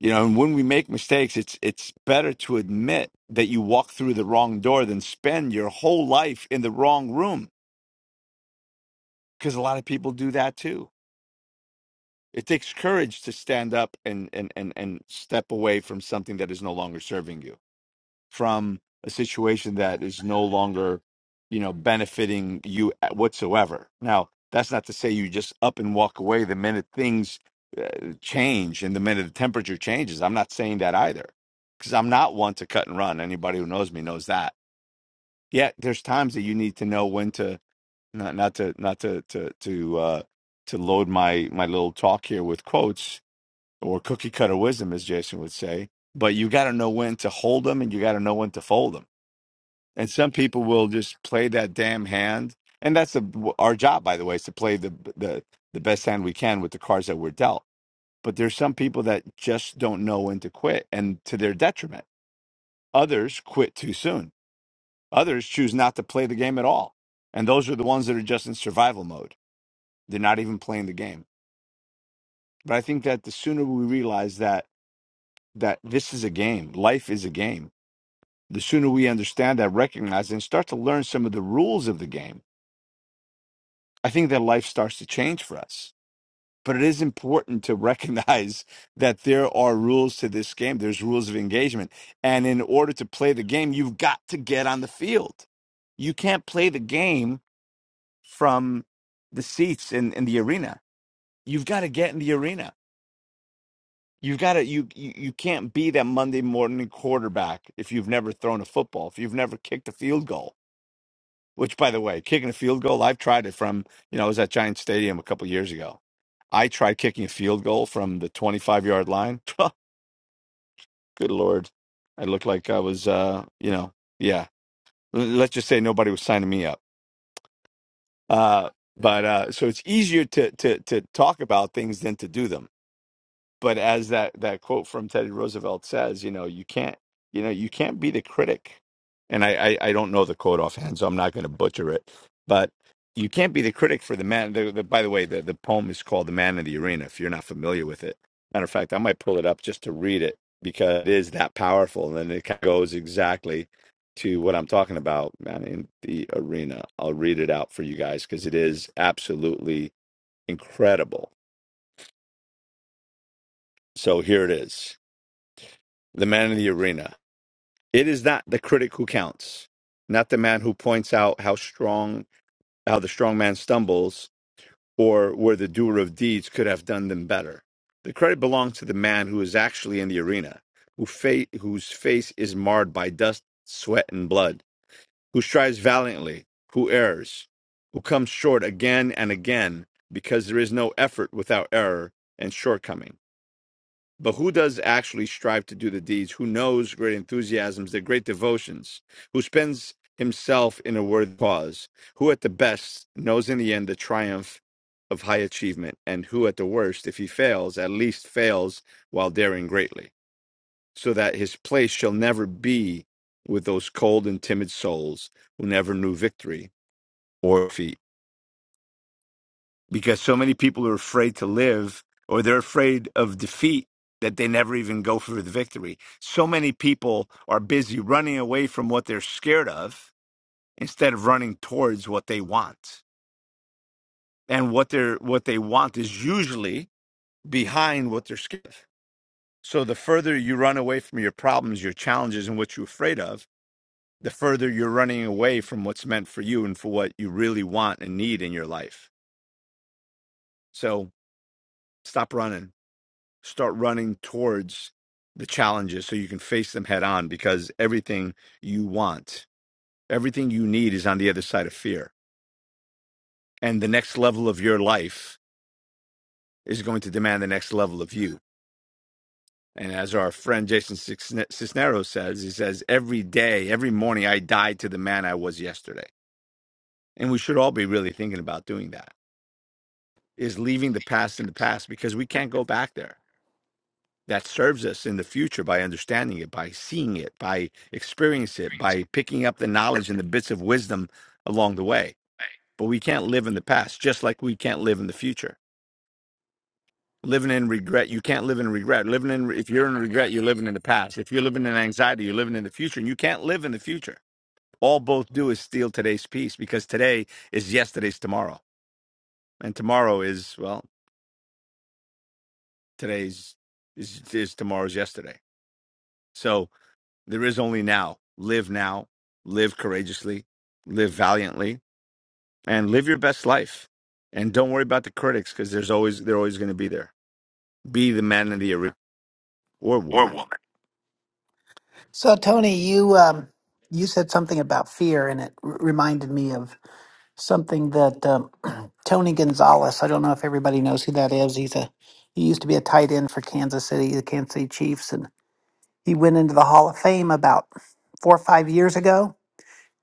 You know, and when we make mistakes, it's it's better to admit that you walk through the wrong door than spend your whole life in the wrong room. Because a lot of people do that too. It takes courage to stand up and, and, and, and step away from something that is no longer serving you from a situation that is no longer, you know, benefiting you whatsoever. Now, that's not to say you just up and walk away the minute things uh, change and the minute the temperature changes. I'm not saying that either because I'm not one to cut and run. Anybody who knows me knows that. Yet there's times that you need to know when to not not to not to to to uh to load my my little talk here with quotes or cookie cutter wisdom as Jason would say, but you got to know when to hold them and you got to know when to fold them and some people will just play that damn hand and that's the, our job by the way is to play the, the the best hand we can with the cards that we're dealt but there's some people that just don't know when to quit and to their detriment others quit too soon others choose not to play the game at all and those are the ones that are just in survival mode they're not even playing the game but i think that the sooner we realize that that this is a game life is a game the sooner we understand that recognize and start to learn some of the rules of the game I think their life starts to change for us. But it is important to recognize that there are rules to this game. There's rules of engagement. And in order to play the game, you've got to get on the field. You can't play the game from the seats in, in the arena. You've got to get in the arena. You've got to you, you you can't be that Monday morning quarterback if you've never thrown a football, if you've never kicked a field goal Which, by the way, kicking a field goal, I've tried it from, you know, I was at Giant Stadium a couple years ago. I tried kicking a field goal from the 25 yard line. Good Lord. I looked like I was, uh, you know, yeah. L- Let's just say nobody was signing me up. Uh, but uh, so it's easier to, to, to talk about things than to do them but as that that quote from Teddy Roosevelt says, you know, you can't you know you can't be the critic. And I I, I don't know the quote offhand, so I'm not going to butcher it. But you can't be the critic for the man. The, the, by the way, the the poem is called "The Man in the Arena." If you're not familiar with it, matter of fact, I might pull it up just to read it because it is that powerful, and it kind of goes exactly to what I'm talking about, man in the arena. I'll read it out for you guys because it is absolutely incredible. So here it is. the man in the arena. It is not the critic who counts, not the man who points out how strong, how the strong man stumbles, or where the doer of deeds could have done them better. The credit belongs to the man who is actually in the arena, who fa- whose face is marred by dust, sweat, and blood, who strives valiantly, who errs, who comes short again and again, because there is no effort without error and shortcoming. But who does actually strive to do the deeds? Who knows great enthusiasms, their great devotions? Who spends himself in a worthy cause? Who at the best knows in the end the triumph of high achievement? And who at the worst, if he fails, at least fails while daring greatly, so that his place shall never be with those cold and timid souls who never knew victory or defeat? because so many people are afraid to live or they're afraid of defeat that they never even go for the victory. So many people are busy running away from what they're scared of instead of running towards what they want. And what they're what they want is usually behind what they're scared of. So the further you run away from your problems, your challenges and what you're afraid of, the further you're running away from what's meant for you and for what you really want and need in your life. So stop running start running towards the challenges so you can face them head on because everything you want, everything you need is on the other side of fear. And the next level of your life is going to demand the next level of you. And as our friend Jason Cisne- Cisneros says, he says, every day, every morning, I die to the man I was yesterday. And we should all be really thinking about doing that is leaving the past in the past because we can't go back there that serves us in the future by understanding it, by seeing it, by experiencing it, by picking up the knowledge and the bits of wisdom along the way. But we can't live in the past, just like we can't live in the future. Living in regret, you can't live in regret. Living in, if you're in regret, you're living in the past. If you're living in anxiety, you're living in the future, and you can't live in the future. All both do is steal today's peace because today is yesterday's tomorrow, and tomorrow is well, today's is, is tomorrow's yesterday. So There is only now. Live now, live courageously, live valiantly, and live your best life. And don't worry about the critics because there's always they're always going to be there. Be the man in the arena or
Or
woman.
woman. So, Tony, you um, you said something about fear, and it r- reminded me of something that um, Tony Gonzalez. I don't know if everybody knows who that is. He's a he used to be a tight end for Kansas City, the Kansas City Chiefs, and he went into the Hall of Fame about four or five years ago.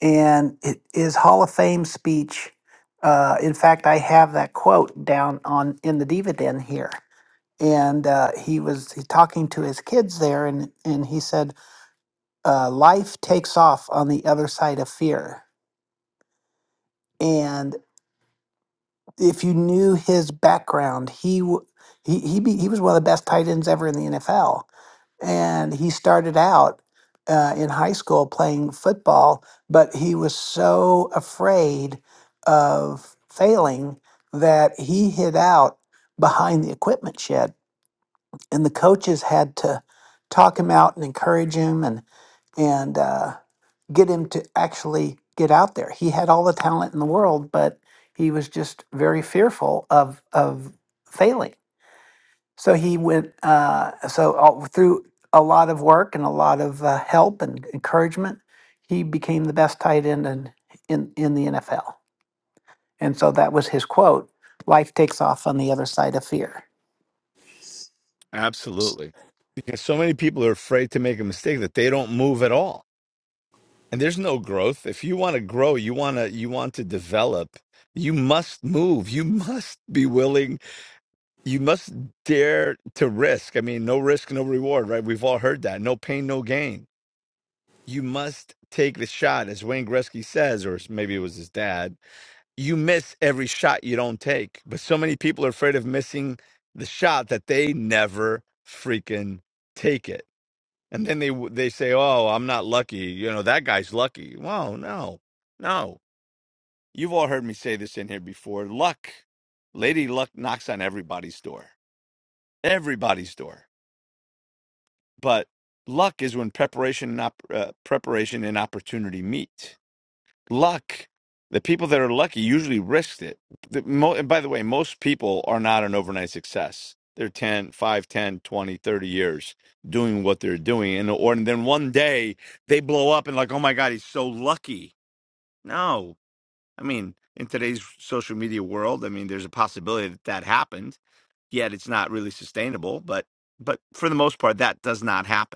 And it, his Hall of Fame speech. Uh, in fact, I have that quote down on in the dividend here. And uh, he was he talking to his kids there, and and he said. uh, life takes off on the other side of fear. And if you knew his background, he w- he he, be, he was one of the best tight ends ever in the NFL. And he started out uh, in high school playing football, but he was so afraid of failing that he hid out behind the equipment shed, and the coaches had to talk him out and encourage him and and. uh, get him to actually get out there. He had all the talent in the world, but he was just very fearful of of failing. So he went uh, so all, through a lot of work and a lot of uh, help and encouragement, he became the best tight end in, in in the NFL. And so that was his quote: "Life takes off on the other side of fear."
Absolutely, because so many people are afraid to make a mistake that they don't move at all, and there's no growth. If you want to grow, you want to you want to develop. You must move. You must be willing. You must dare to risk. I mean, no risk, no reward, right? We've all heard that. No pain, no gain you must take the shot, as Wayne Gretzky says, or maybe it was his dad. You miss every shot you don't take, but so many people are afraid of missing the shot that they never freaking take it. And then they they say, "Oh, I'm not lucky." You know that guy's lucky. Well, no, no. You've all heard me say this in here before. Luck, Lady Luck knocks on everybody's door, everybody's door. But luck is when preparation and op- uh, preparation and opportunity meet luck. The people that are lucky usually risked it. The, mo- and by the way, most people are not an overnight success. They're ten, five, ten, twenty, thirty years doing what they're doing. And, or, and then one day they blow up and like, oh my God, he's so lucky. No. I mean, in today's social media world, I mean, there's a possibility that that happened. Yet it's not really sustainable. But, but for the most part, that does not happen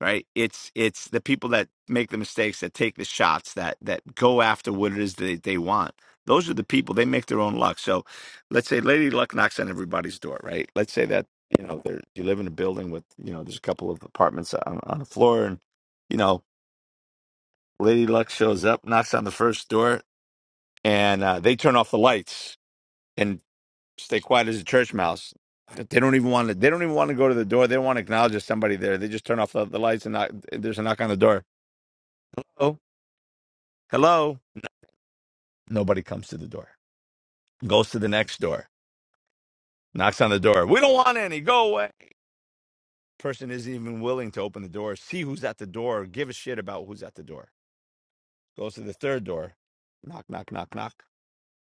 right? It's it's the people that make the mistakes, that take the shots, that that go after what it is that they want. Those are the people. They make their own luck. So, let's say Lady Luck knocks on everybody's door, right? Let's say that you know they're, you live in a building with you know there's a couple of apartments on, on the floor, and you know Lady Luck shows up, knocks on the first door, and uh, they turn off the lights and stay quiet as a church mouse. They don't even want to. They don't even want to go to the door. They don't want to acknowledge there's somebody there. They just turn off the, the lights and knock, there's a knock on the door. Hello? Hello? Nobody comes to the door. Goes to the next door. Knocks on the door. We don't want any. Go away. Person isn't even willing to open the door, see who's at the door, give a shit about who's at the door. Goes to the third door. Knock, knock, knock, knock.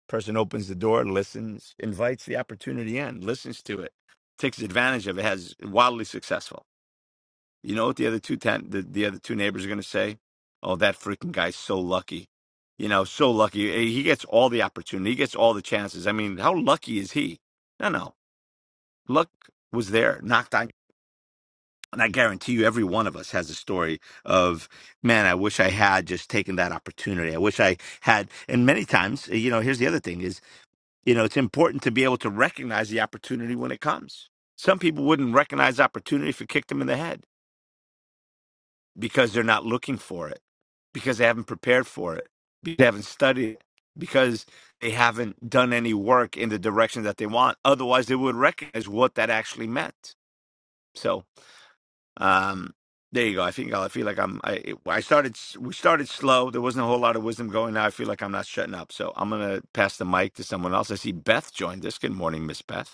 Person opens the door, listens, invites the opportunity in, listens to it, takes advantage of it, has wildly successful. You know what the other two ten, the, the other two neighbors are going to say? Oh, that freaking guy's so lucky. You know, so lucky. Eh, He gets all the opportunity. He gets all the chances. I mean, how lucky is he? No, no. Luck was there, knocked on. And I guarantee you, every one of us has a story of, man, I wish I had just taken that opportunity. I wish I had. And many times, eh, you know, here's the other thing is, you know, it's important to be able to recognize the opportunity when it comes. Some people wouldn't recognize opportunity if it kicked them in the head because they're not looking for it, because they haven't prepared for it, because they haven't studied it, because they haven't done any work in the direction that they want. Otherwise, they would recognize what that actually meant. So, um, there you go. I think I feel like I'm. I, I started. We started slow. There wasn't a whole lot of wisdom going. Now I feel like I'm not shutting up. So I'm gonna pass the mic to someone else. I see Beth joined us. Good morning, Miss Beth.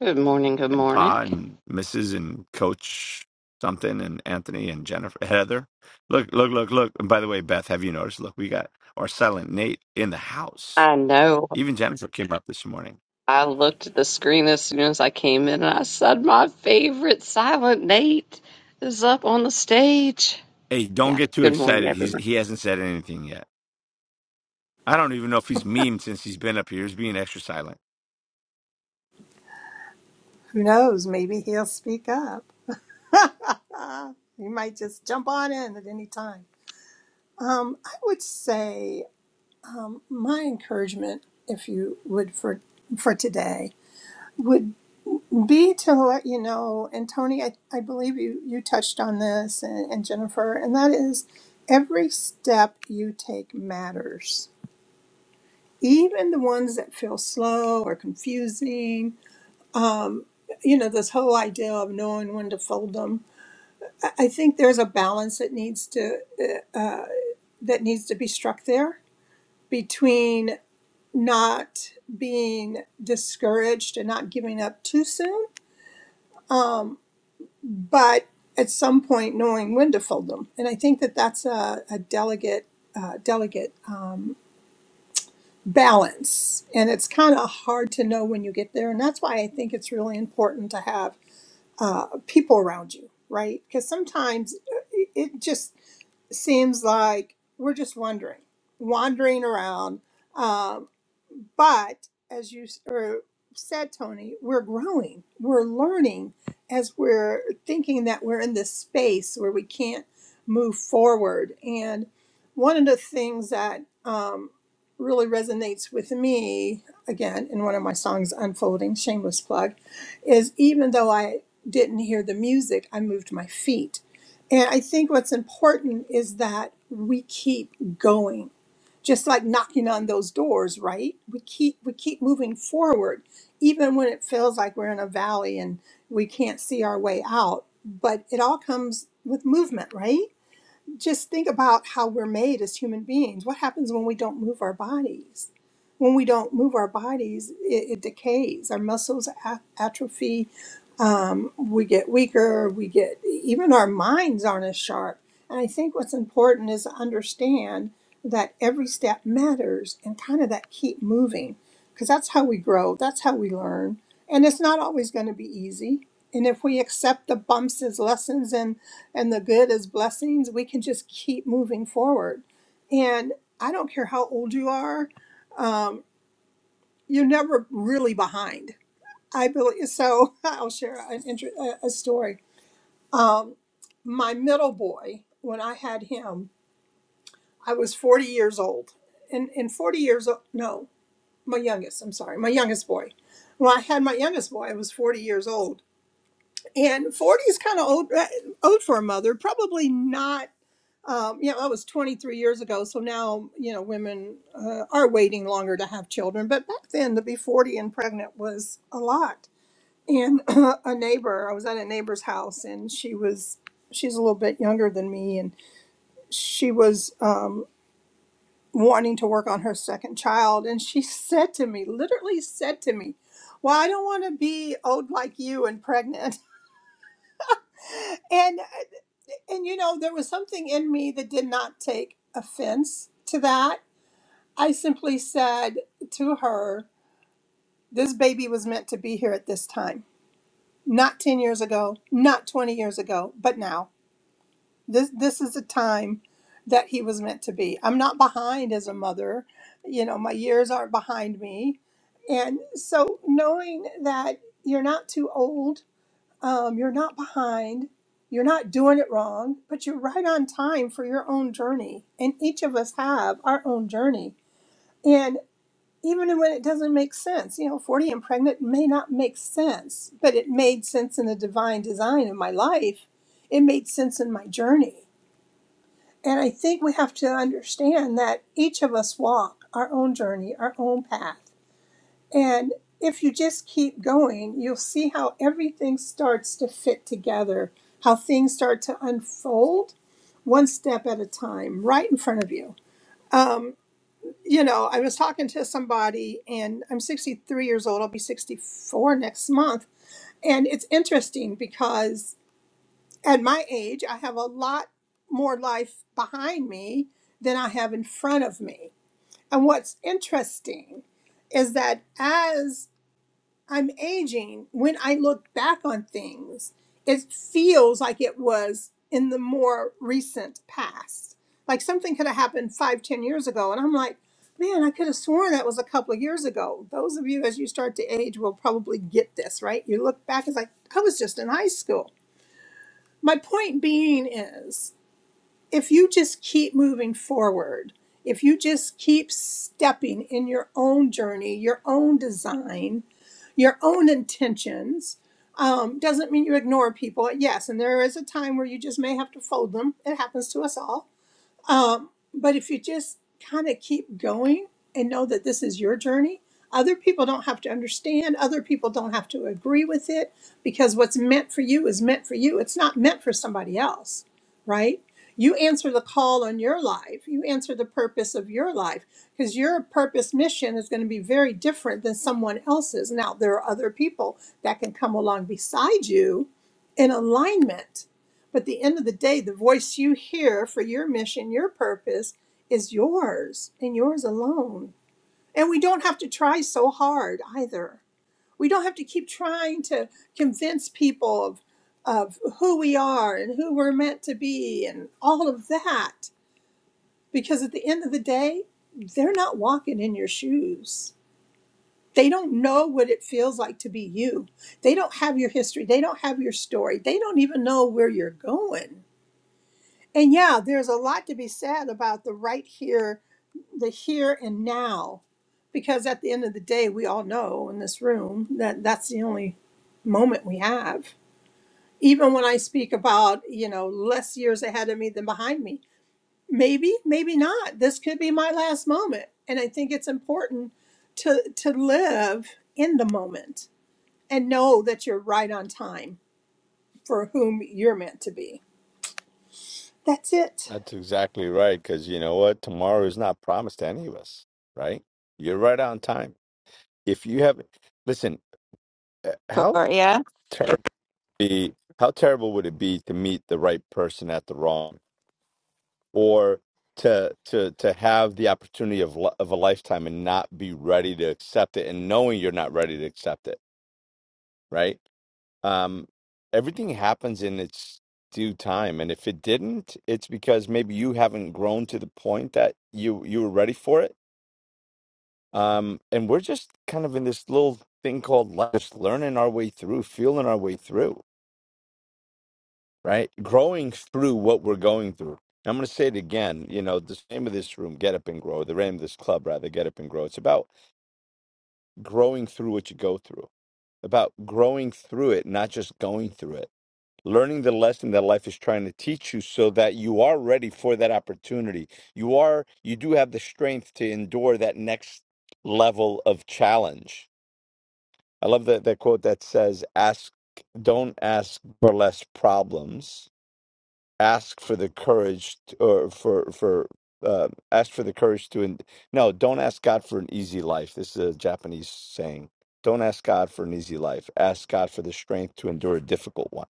Good morning, good
and
morning.
Pa and Mrs. and Coach something and Anthony and Jennifer Heather. Look, look, look, look. And by the way, Beth, have you noticed? Look, we got our silent Nate in the house.
I know
Even Jennifer came up this morning.
I looked at the screen as soon as I came in and I said my favorite Silent Nate is up on the stage.
Hey, don't
Yeah,
get too
good morning,
excited. He's
everyone.
he hasn't said anything yet. I don't even know if he's memed since he's been up here. He's being extra silent.
Who knows? Maybe he'll speak up. You might just jump on in at any time. Um, I would say um, my encouragement, if you would, for for today would be to let you know, and Tony, I, I believe you, you touched on this, and, and Jennifer, and that is every step you take matters. Even the ones that feel slow or confusing you know this whole idea of knowing when to fold them i I think there's a balance that needs to uh, that needs to be struck there between not being discouraged and not giving up too soon but at some point knowing when to fold them and i think that that's a, a delicate uh, delegate um, balance and it's kind of hard to know when you get there and that's why i think it's really important to have uh, people around you right because sometimes uh, it it just seems like we're just wondering, wandering around. Um, but as you s- er, said, Tony, we're growing, we're learning as we're thinking that we're in this space where we can't move forward. And one of the things that really resonates with me again in one of my songs unfolding shameless plug is even though i didn't hear the music i moved my feet and i think what's important is that we keep going just like knocking on those doors right we keep we keep moving forward even when it feels like we're in a valley and we can't see our way out but it all comes with movement right just think about how we're made as human beings. What happens when we don't move our bodies? When we don't move our bodies, it, it decays. Our muscles a- atrophy, um, we get weaker, we get even our minds aren't as sharp. And I think what's important is to understand that every step matters and kind of that keep moving because that's how we grow, that's how we learn. And it's not always going to be easy. And if we accept the bumps as lessons and, and the good as blessings, we can just keep moving forward. And I don't care how old you are, um, you're never really behind. I believe so. I'll share an, inter- a a story. my middle boy, when I had him, I was 40 years old. And, and 40 years old, no, my youngest, I'm sorry, my youngest boy. When I had my youngest boy, I was 40 years old. And 40 is kind of old, uh, old for a mother, probably not. Um, you know, that was 23 years ago. So now, you know, women uh, are waiting longer to have children. But back then, to be 40 and pregnant was a lot. And a neighbor, I was at a neighbor's house and she was, she's a little bit younger than me. And she was um, wanting to work on her second child, and she said to me, literally said to me, "Well, I don't want to be old like you and pregnant." And uh, and you know, there was something in me that did not take offense to that. I simply said to her, "This baby was meant to be here at this time, not ten years ago, not twenty years ago, but now." this this is a time that he was meant to be i'm not behind as a mother you know my years aren't behind me and so knowing that you're not too old um, you're not behind you're not doing it wrong but you're right on time for your own journey and each of us have our own journey and even when it doesn't make sense you know 40 and pregnant may not make sense but it made sense in the divine design of my life it made sense in my journey and I think we have to understand that each of us walk our own journey, our own path. And if you just keep going, you'll see how everything starts to fit together, how things start to unfold one step at a time, right in front of you. You know, I was talking to somebody, and I'm 63 years old, I'll be 64 next month. And it's interesting because at my age, I have a lot more life behind me than I have in front of me. And what's interesting is that as I'm aging, when I look back on things, it feels like it was in the more recent past. Like something could have happened five, ten years ago. And I'm like, man, I could have sworn that was a couple of years ago. Those of you, as you start to age, will probably get this, right? You look back, it's like, I was just in high school. My point being is, if you just keep moving forward, if you just keep stepping in your own journey, your own design, your own intentions, um, doesn't mean you ignore people. Yes, and there is a time where you just may have to fold them. It happens to us all but if you just kind of keep going and know that this is your journey, other people don't have to understand, other people don't have to agree with it because what's meant for you is meant for you. It's not meant for somebody else, right? You answer the call on your life, you answer the purpose of your life because your purpose mission is going to be very different than someone else's. Now, there are other people that can come along beside you in alignment but at the end of the day, the voice you hear for your mission, your purpose, is yours and yours alone. And we don't have to try so hard either. We don't have to keep trying to convince people of, of who we are and who we're meant to be and all of that. Because at the end of the day, they're not walking in your shoes. They don't know what it feels like to be you. They don't have your history. They don't have your story. They don't even know where you're going And yeah, there's a lot to be said about the right here, the here and now, because at the end of the day, we all know in this room that that's the only moment we have. Even when I speak about, you know, less years ahead of me than behind me, maybe, maybe not. This could be my last moment. And I think it's important to, to live in the moment and know that you're right on time for whom you're meant to be. That's it.
That's exactly right, because you know what? Tomorrow is not promised to any of us, right? You're right on time. If you haven't, listen, uh, how
Victoria.
be how terrible would it be to meet the right person at the wrong or to to to have the opportunity of li- of a lifetime and not be ready to accept it and knowing you're not ready to accept it right um everything happens in its due time and if it didn't it's because maybe you haven't grown to the point that you you were ready for it um and we're just kind of in this little thing called life just learning our way through feeling our way through right? Growing through what we're going through. I'm going to say it again. You know, the name of this room, Get Up and Grow, the name of this club, rather, Get Up and Grow. It's about growing through what you go through, about growing through it, not just going through it. Learning the lesson that life is trying to teach you so that you are ready for that opportunity. You are, you do have the strength to endure that next level of challenge. I love that, that quote that says, ask, don't ask for less problems ask for the courage to, or for for uh, ask for the courage to en- no don't ask god for an easy life this is a japanese saying don't ask god for an easy life ask god for the strength to endure a difficult one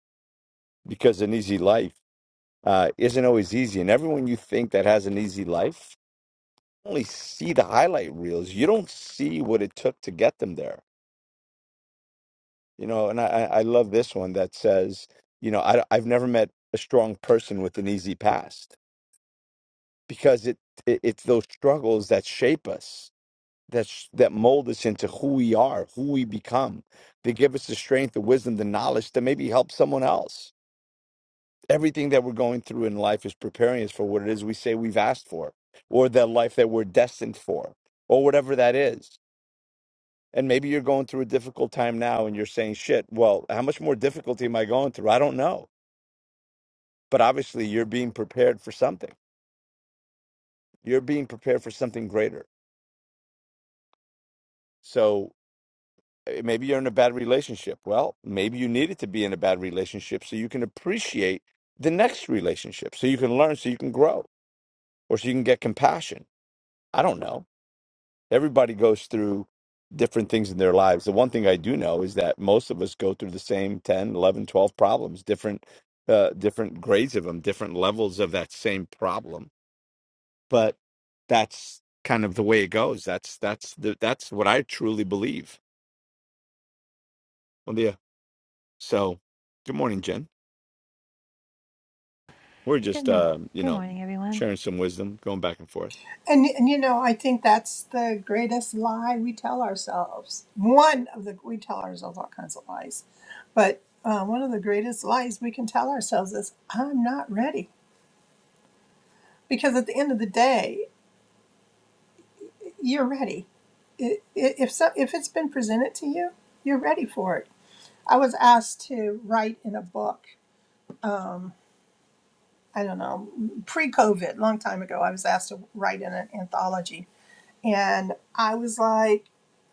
because an easy life uh, isn't always easy and everyone you think that has an easy life you only see the highlight reels you don't see what it took to get them there you know and i i I love this one that says you know I, i've never met a strong person with an easy past because it, it it's those struggles that shape us that sh- that mold us into who we are who we become they give us the strength the wisdom the knowledge to maybe help someone else everything that we're going through in life is preparing us for what it is we say we've asked for or the life that we're destined for or whatever that is and maybe you're going through a difficult time now and you're saying shit well how much more difficulty am i going through i don't know but obviously you're being prepared for something you're being prepared for something greater so eh, maybe you're in a bad relationship. Well, maybe you needed to be in a bad relationship so you can appreciate the next relationship, so you can learn, so you can grow, or so you can get compassion. I don't know. Everybody goes through different things in their lives. The one thing I do know is that most of us go through the same 10, 11, 12 problems, different uh, different grades of them, different levels of that same problem. But that's kind of the way it goes. That's that's the, that's what I truly believe. Well, yeah. So, good morning, Jen. We're
Good
just,
morning.
uh, you
Good
know,
morning, everyone.
sharing some wisdom, going back and forth.
And, and you know, I think that's the greatest lie we tell ourselves. One of the, we tell ourselves all kinds of lies, but uh, one of the greatest lies we can tell ourselves is, I'm not ready. Because at the end of the day, you're ready. I- i- If, so, if it's been presented to you, you're ready for it. I was asked to write in a book, um, I don't know, pre COVID, long time ago, I was asked to write in an anthology and I was like,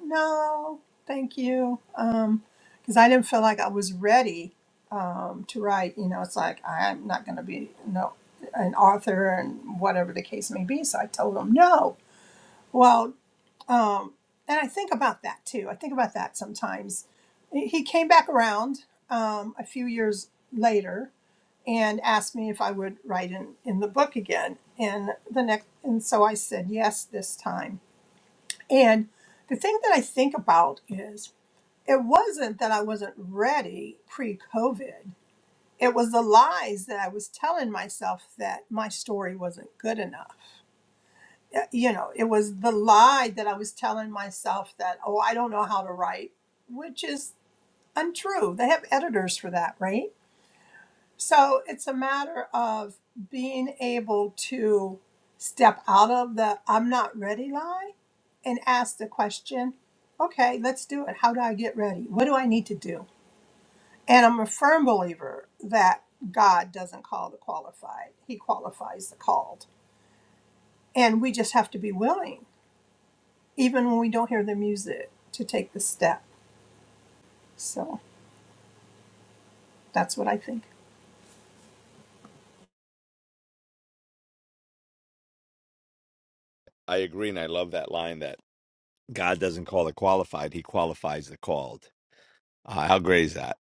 no, thank you, um, because I didn't feel like I was ready um, to write. You know, it's like I'm not going to be no an author and whatever the case may be. So I told him no. Well, um, and I think about that too. I think about that sometimes. He he came back around um, a few years later and asked me if I would write in, in the book again. And the next, and so I said yes this time and the thing that I think about is it wasn't that I wasn't ready pre COVID, it was the lies that I was telling myself that my story wasn't good enough. Uh, You know, it was the lie that I was telling myself that, oh, I don't know how to write, which is untrue. They have editors for that, right? So it's a matter of being able to step out of the I'm not ready lie and ask the question, okay, let's do it. How do I get ready? What do I need to do? And I'm a firm believer that God doesn't call the qualified, He qualifies the called. And we just have to be willing, even when we don't hear the music, to take the step. So that's what I think.
I agree, and I love that line that God doesn't call the qualified; He qualifies the called. Uh, how great is that?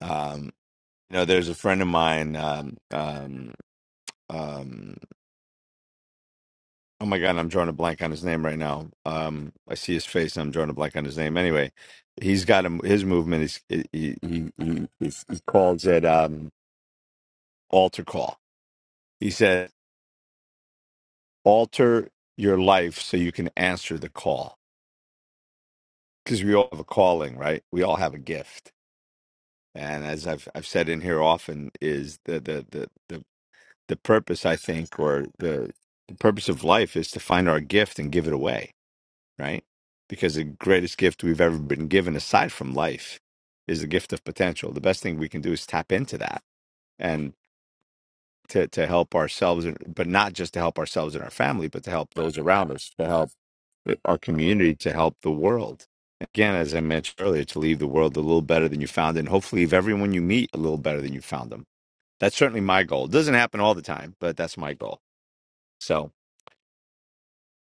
Um, you know, there's a friend of mine. Um, um, um, oh my God, I'm drawing a blank on his name right now. Um, I see his face, and I'm drawing a blank on his name. Anyway, he's got him. His movement is he he he, he, he calls it um, altar call. He said, "Alter your life so you can answer the call." because we all have a calling, right? We all have a gift, and as I've I've said in here often, is the the the the, the purpose I think, or the the purpose of life, is to find our gift and give it away, right? Because the greatest gift we've ever been given, aside from life, is the gift of potential. The best thing we can do is tap into that and to to help ourselves, but not just to help ourselves and our family, but to help those around us, to help uh, our community to help the world. Again, as I mentioned earlier, to leave the world a little better than you found it, and hopefully leave everyone you meet a little better than you found them. That's certainly my goal. It doesn't happen all the time, but that's my goal. So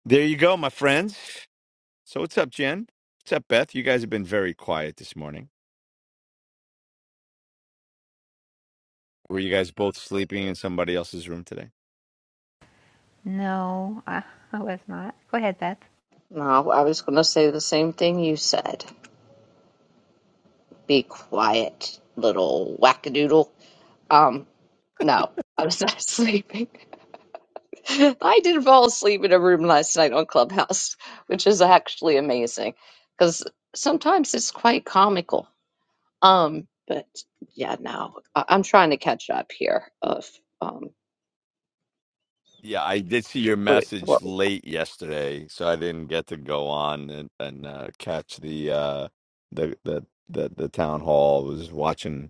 there you go, my friends. So what's up, Jen? What's up, Beth? You guys have been very quiet this morning. Were you guys both sleeping in somebody else's room today?
No, I, I was not. Go ahead, Beth.
No, I was going to say the same thing you said. Be quiet, little wackadoodle. Um, no, I was not sleeping. I did fall asleep in a room last night on Clubhouse, which is actually amazing because sometimes it's quite comical. Um, but yeah, no, I- I'm trying to catch up here of um
Yeah, I did see your
what,
message
what
late yesterday, so I didn't get to go on and, and uh, catch the, uh, the the the the town hall. I was watching.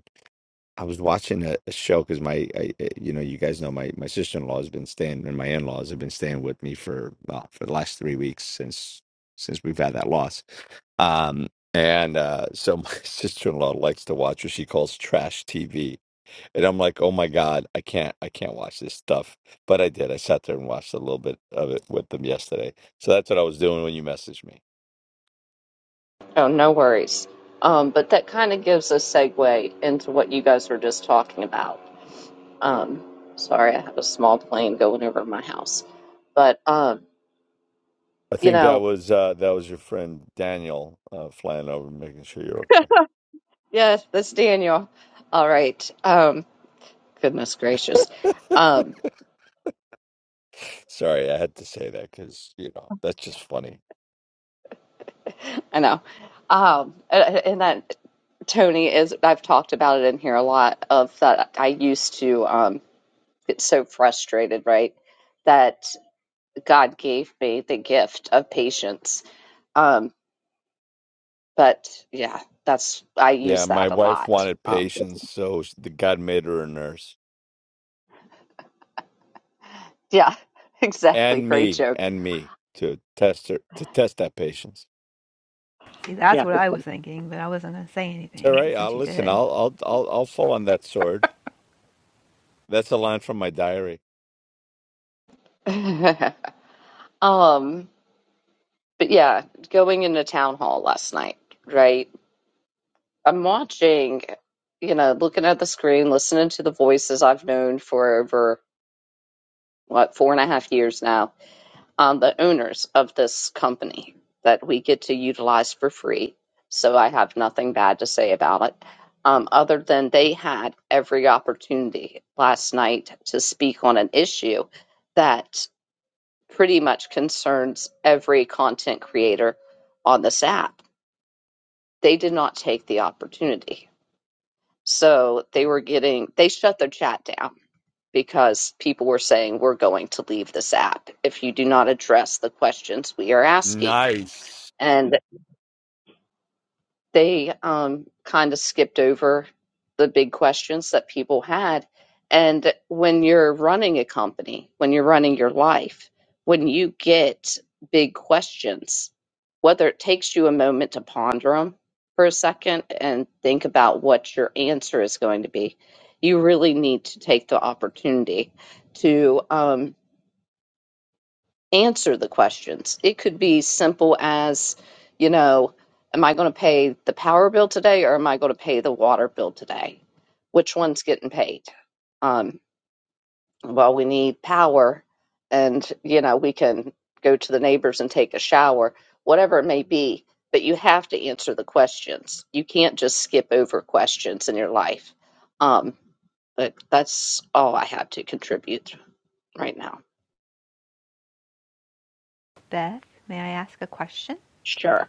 I was watching a, a show because my, I, I- you know, you guys know my my sister in law has been staying, and my in laws have been staying with me for uh, for the last three weeks since since we've had that loss. Um, and uh, so my sister in law likes to watch what she calls trash TV, and I'm like, oh my god, I can't, I can't watch this stuff. But I did. I sat there and watched a little bit of it with them yesterday. So that's what I was doing when you messaged me.
oh no worries. Um, but that kind of gives a segue into what you guys were just talking about. Um, sorry, I have a small plane going over my house. But um,
I
you
think that
know,
was uh, that was your friend Daniel uh, flying over, making sure you're
yeah, that's Daniel. All right. Um, goodness gracious. Um,
Sorry, I had to say that because, you know, that's just funny.
I know. Um, and and that Tony is I've talked about it in here a lot of that I used to um. get so frustrated, right? That God gave me the gift of patience. Um, but yeah, that's I
Yeah,
use
my
that a
wife
lot.
wanted
Um,
patience, so sh- the God made her a nurse
yeah, exactly.
and
Great
me
joke.
and me to test her to test that patience.
See, that's
Yeah.
what I was thinking, but I wasn't going to say
It's All
anything. But
right,
since
I'll
you
listen.
did,
I'll I'll I'll I'll fall on that sword. That's a line from my diary.
um, but yeah, going into town hall last night, right? I'm watching, you know, looking at the screen, listening to the voices I've known for over what four and a half years now um, the owners of this company that we get to utilize for free. So I have nothing bad to say about it, um, other than they had every opportunity last night to speak on an issue that pretty much concerns every content creator on this app. They did not take the opportunity. So they were getting, they shut their chat down because people were saying, we're going to leave this app if you do not address the questions we are asking
Nice.
and they um, kind of skipped over the big questions that people had. And when you're running a company, when you're running your life, when you get big questions, whether it takes you a moment to ponder them for a second and think about what your answer is going to be, you really need to take the opportunity to um, answer the questions. It could be simple as, you know, am I going to pay the power bill today or am I going to pay the water bill today? Which one's getting paid? Um, well, we need power and, you know, we can go to the neighbors and take a shower, whatever it may be. But you have to answer the questions. You can't just skip over questions in your life. Um, but that's all I have to contribute right now.
Beth, may I ask a question?
Sure.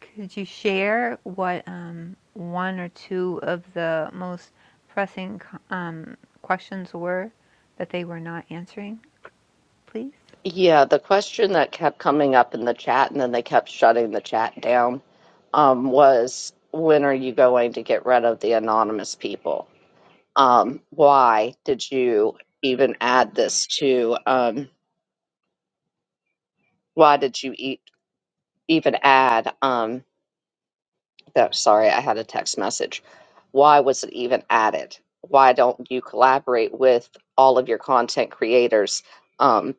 Could you share what um, one or two of the most pressing um, questions were that they were not answering, please?
Yeah, the question that kept coming up in the chat, and then they kept shutting the chat down, um, was when are you going to get rid of the anonymous people? Um, why did you even add this to? Um, why did you e- even add? Um, that, sorry, I had a text message. Why was it even added? Why don't you collaborate with all of your content creators? um,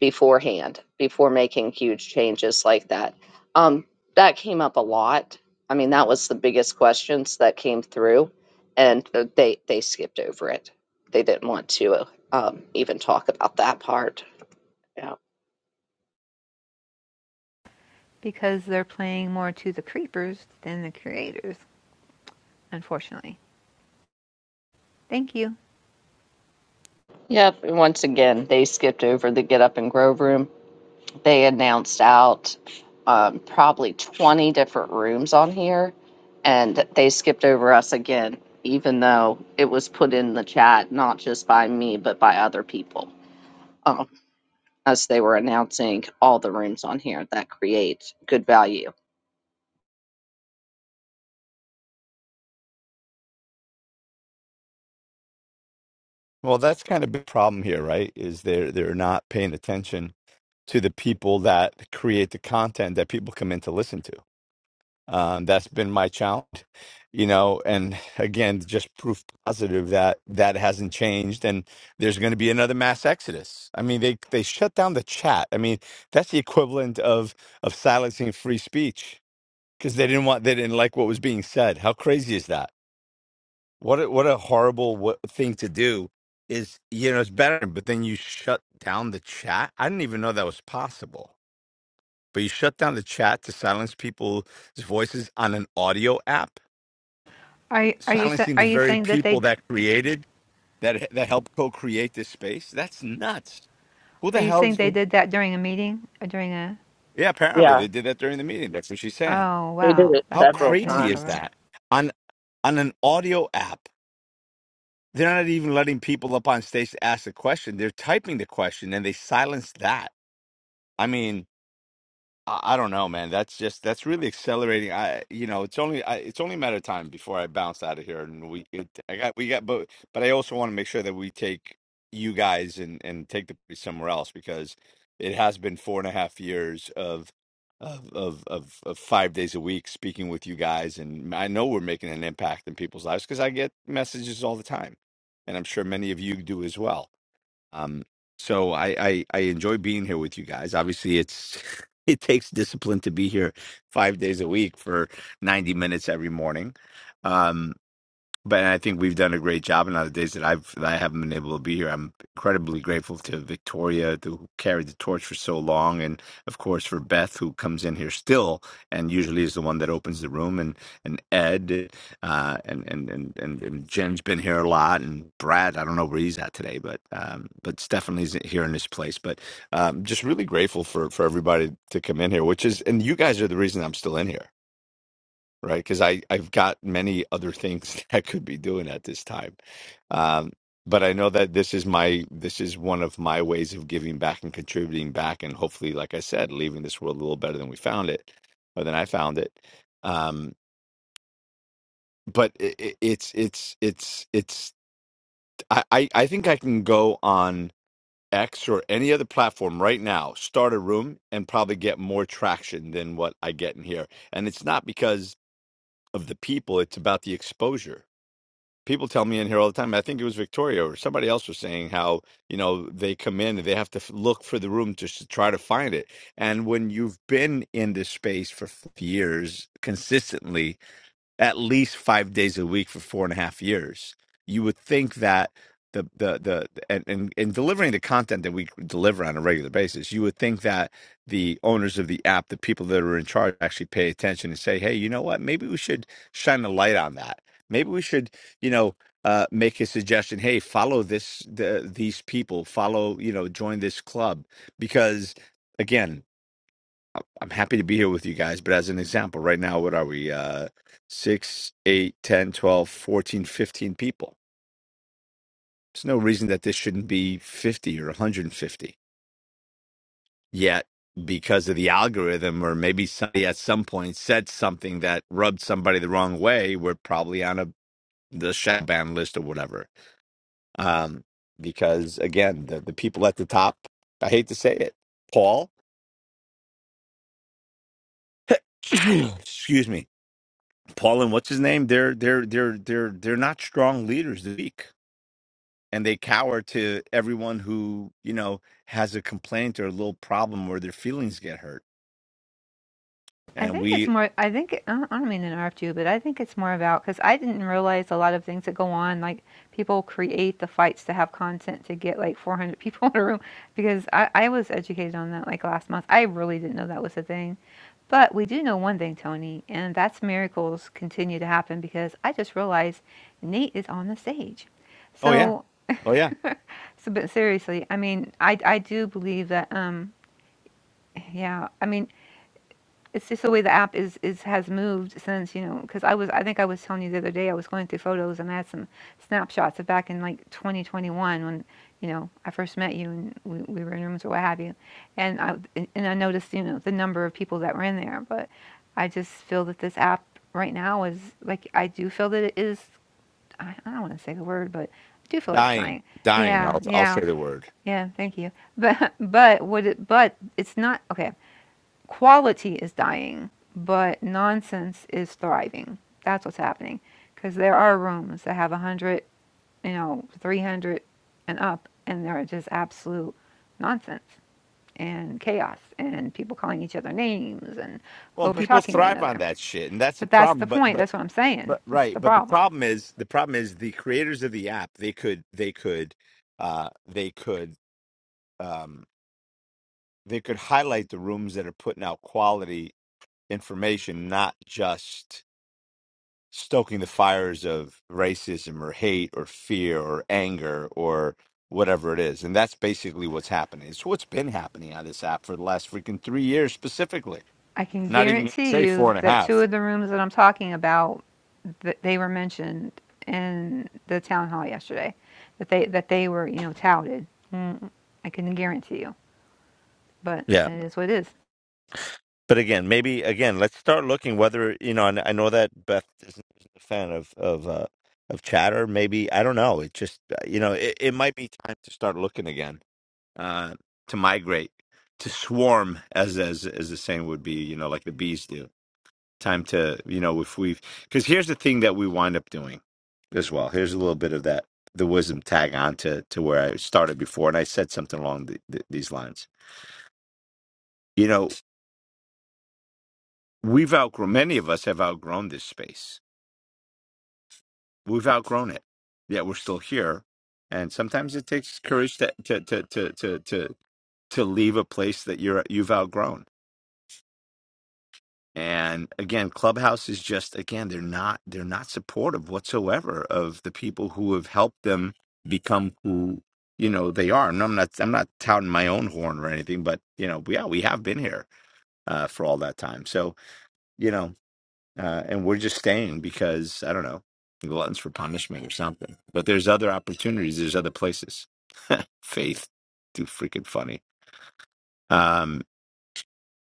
beforehand before making huge changes like that. Um, that came up a lot. I mean, that was the biggest questions that came through, and uh, they they skipped over it. They didn't want to um, even talk about that part. Yeah.
Because they're playing more to the creepers than the creators, unfortunately. Thank you.
Yep. and Once again, they skipped over the get up and grow room. they announced out um, probably 20 different rooms on here and they skipped over us again even though it was put in the chat not just by me but by other people um, as they were announcing all the rooms on here that create good value
Well, that's kind of the problem here, right? Is they're they're not paying attention to the people that create the content that people come in to listen to. Um, that's been my challenge, you know, and again, just proof positive that that hasn't changed. And there's going to be another mass exodus. I mean, they they shut down the chat. I mean, that's the equivalent of of silencing free speech because they didn't want they didn't like what was being said. How crazy is that? What a, what a horrible what, thing to do is you know it's better, but then you shut down the chat. I didn't even know that was possible. But you shut down the chat to silence people's voices on an audio app
Are are you
silencing
are
the
you
very
saying that they
people that created that that helped co-create this space that's nuts who
Are
the
you saying
hell's
they did that during a meeting or during a?
yeah apparently
Yeah,
they did that during the meeting that's what she's saying
Oh
they did
wow,
it
how
that
several
that is
crazy is
times.
horrible.
that on on an audio app they're not even letting people up on stage to ask a question they're typing the question and they silence that i mean I I don't know, man. That's just that's really accelerating. I, you know, it's only I, it's only a matter of time before I bounce out of here. And we, it, I got, we got, but but I also want to make sure that we take you guys and and take the piece somewhere else because it has been four and a half years of of of of, of five days a week speaking with you guys, and I know we're making an impact in people's lives because I get messages all the time, and I'm sure many of you do as well um, so I, I I enjoy being here with you guys. Obviously, it's it takes discipline to be here five days a week for ninety minutes every morning. Um, but I think we've done a great job. And on the days that I've that I haven't been able to be here, I'm incredibly grateful to Victoria who carried the torch for so long, and of course for Beth who comes in here still and usually is the one that opens the room, and and Ed, uh, and, and and and and Jen's been here a lot, and Brad. I don't know where he's at today, but um, but Stephanie's here in this place. But um, just really grateful for for everybody to come in here, which is and you guys are the reason I'm still in here right? Because I I've got many other things that I could be doing at this time, um, but I know that this is my this is one of my ways of giving back and contributing back, and hopefully, like I said, leaving this world a little better than we found it, or than I found it. Um, but it, it, it's it's it's it's I, I I think I can go on X or any other platform right now, start a room, and probably get more traction than what I get in here. And it's not because of the people; it's about the exposure people tell me in here all the time. I think it was Victoria or somebody else was saying how you know they come in and they have to f- look for the room just to try to find it. And when you've been in this space for f- years consistently, at least five days a week for four and a half years. You would think that the the the and and, and delivering the content that we deliver on a regular basis, you would think that the owners of the app, the people that are in charge, actually pay attention and say, hey, you know what? Maybe we should shine a light on that. Maybe we should, you know. Uh, make a suggestion. Hey, follow this. The, these people follow. You know, join this club because, again, I'm happy to be here with you guys, but as an example, right now, what are we? Uh, 6, eight, ten, twelve, fourteen, fifteen people. There's no reason that this shouldn't be 50 or 150. Yet, because of the algorithm, or maybe somebody at some point said something that rubbed somebody the wrong way, we're probably on a the shadow ban list or whatever. Um, because again, the, the people at the top, I hate to say it, Paul, excuse me, Paul and what's his name? They're they're they're they're they're not strong leaders. They're weak, and they cower to everyone who you know has a complaint or a little problem where their feelings get hurt.
I
And
think it's
we,
more. I think I don't I don't mean to interrupt you, but I think it's more about because I didn't realize a lot of things that go on. Like people create the fights to have content to get like 400 people in a room because I, I was educated on that like last month. I really didn't know that was a thing. But we do know one thing, Tony, and that's miracles continue to happen because I just realized Nate is on the stage.
oh yeah,
So
oh yeah,
So, but seriously, I mean, I I do believe that. Um, yeah, I mean, it's just the way the app is is has moved since you know. Because I was, I think I was telling you the other day, I was going through photos and I had some snapshots of back in like 2021 when you know I first met you and we, we were in rooms or what have you, and I and I noticed you know the number of people that were in there, but I just feel that this app right now is like I do feel that it is. I, I don't want to say the word, but I do feel it's
dying,
dying.
dying.
Yeah,
I'll I'll
yeah.
say the word.
Yeah, thank you. But but would it but it's not okay. Quality is dying, but nonsense is thriving. That's what's happening. Cuz there are rooms that have 100, you know, 300 and up and they're just absolute nonsense and chaos and people calling each other names and
Well,
over
people
talking one
thrive on
another.
that shit, and that's the
But that's
problem.
the
But
point.
but
That's what I'm saying.
But
That's
right,
the
but the
problem.
problem is the problem is the creators of the app they could they could uh they could um they could highlight the rooms that are putting out quality information, not just stoking the fires of racism or hate or fear or anger or whatever it is. And that's basically what's happening. It's what's been happening on this app for the last freaking three years specifically.
I can
Not even gonna
guarantee
say four
you
and a
that two
half.
of the rooms that I'm talking about, that they were mentioned in the town hall yesterday, that they that they were you know touted. Mm, I can guarantee you, but
Yeah.
it is what it is.
But again, maybe again, let's start looking whether you know. And I know that Beth isn't a fan of of uh, of chatter. Maybe I don't know. It just uh, you know, it, it might be time to start looking again uh, to migrate to swarm, as as as the saying would be. You know, like the bees do. Time to you know if we have because here's the thing that we wind up doing as well. Here's a little bit of that the wisdom tag on to to where I started before, and I said something along the, the, these lines. You know, we've outgrown many of us have outgrown this space We've outgrown it. Yet we're still here. And sometimes it takes courage to to to to to to, to leave a place that you're you've outgrown. And again, Clubhouse is just again, they're not they're not supportive whatsoever of the people who have helped them become who you know they are. And I'm not I'm not touting my own horn or anything, but you know, yeah, we have been here uh, for all that time. So, you know, uh, and we're just staying because I don't know, gluttons for punishment or something. But there's other opportunities. There's other places. Faith, too freaking funny. Um,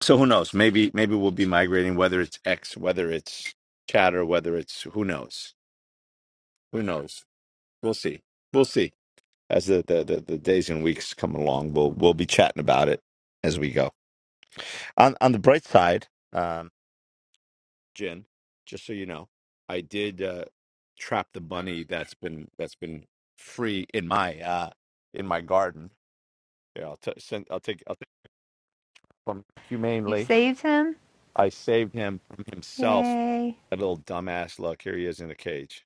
so who knows? Maybe maybe we'll be migrating. Whether it's X, whether it's Chatter, whether it's who knows? Who knows? We'll see. We'll see. As the the, the, the days and weeks come along, we'll we'll be chatting about it as we go. On on the bright side. um, Jen, just so you know, I did uh, trap the bunny that's been that's been free in my uh, in my garden. Yeah, I'll t- send. I'll take. I'll take from
You
humanely.
saved him,
I saved him from himself.
yay!
That little dumbass. Look, here he is in a cage.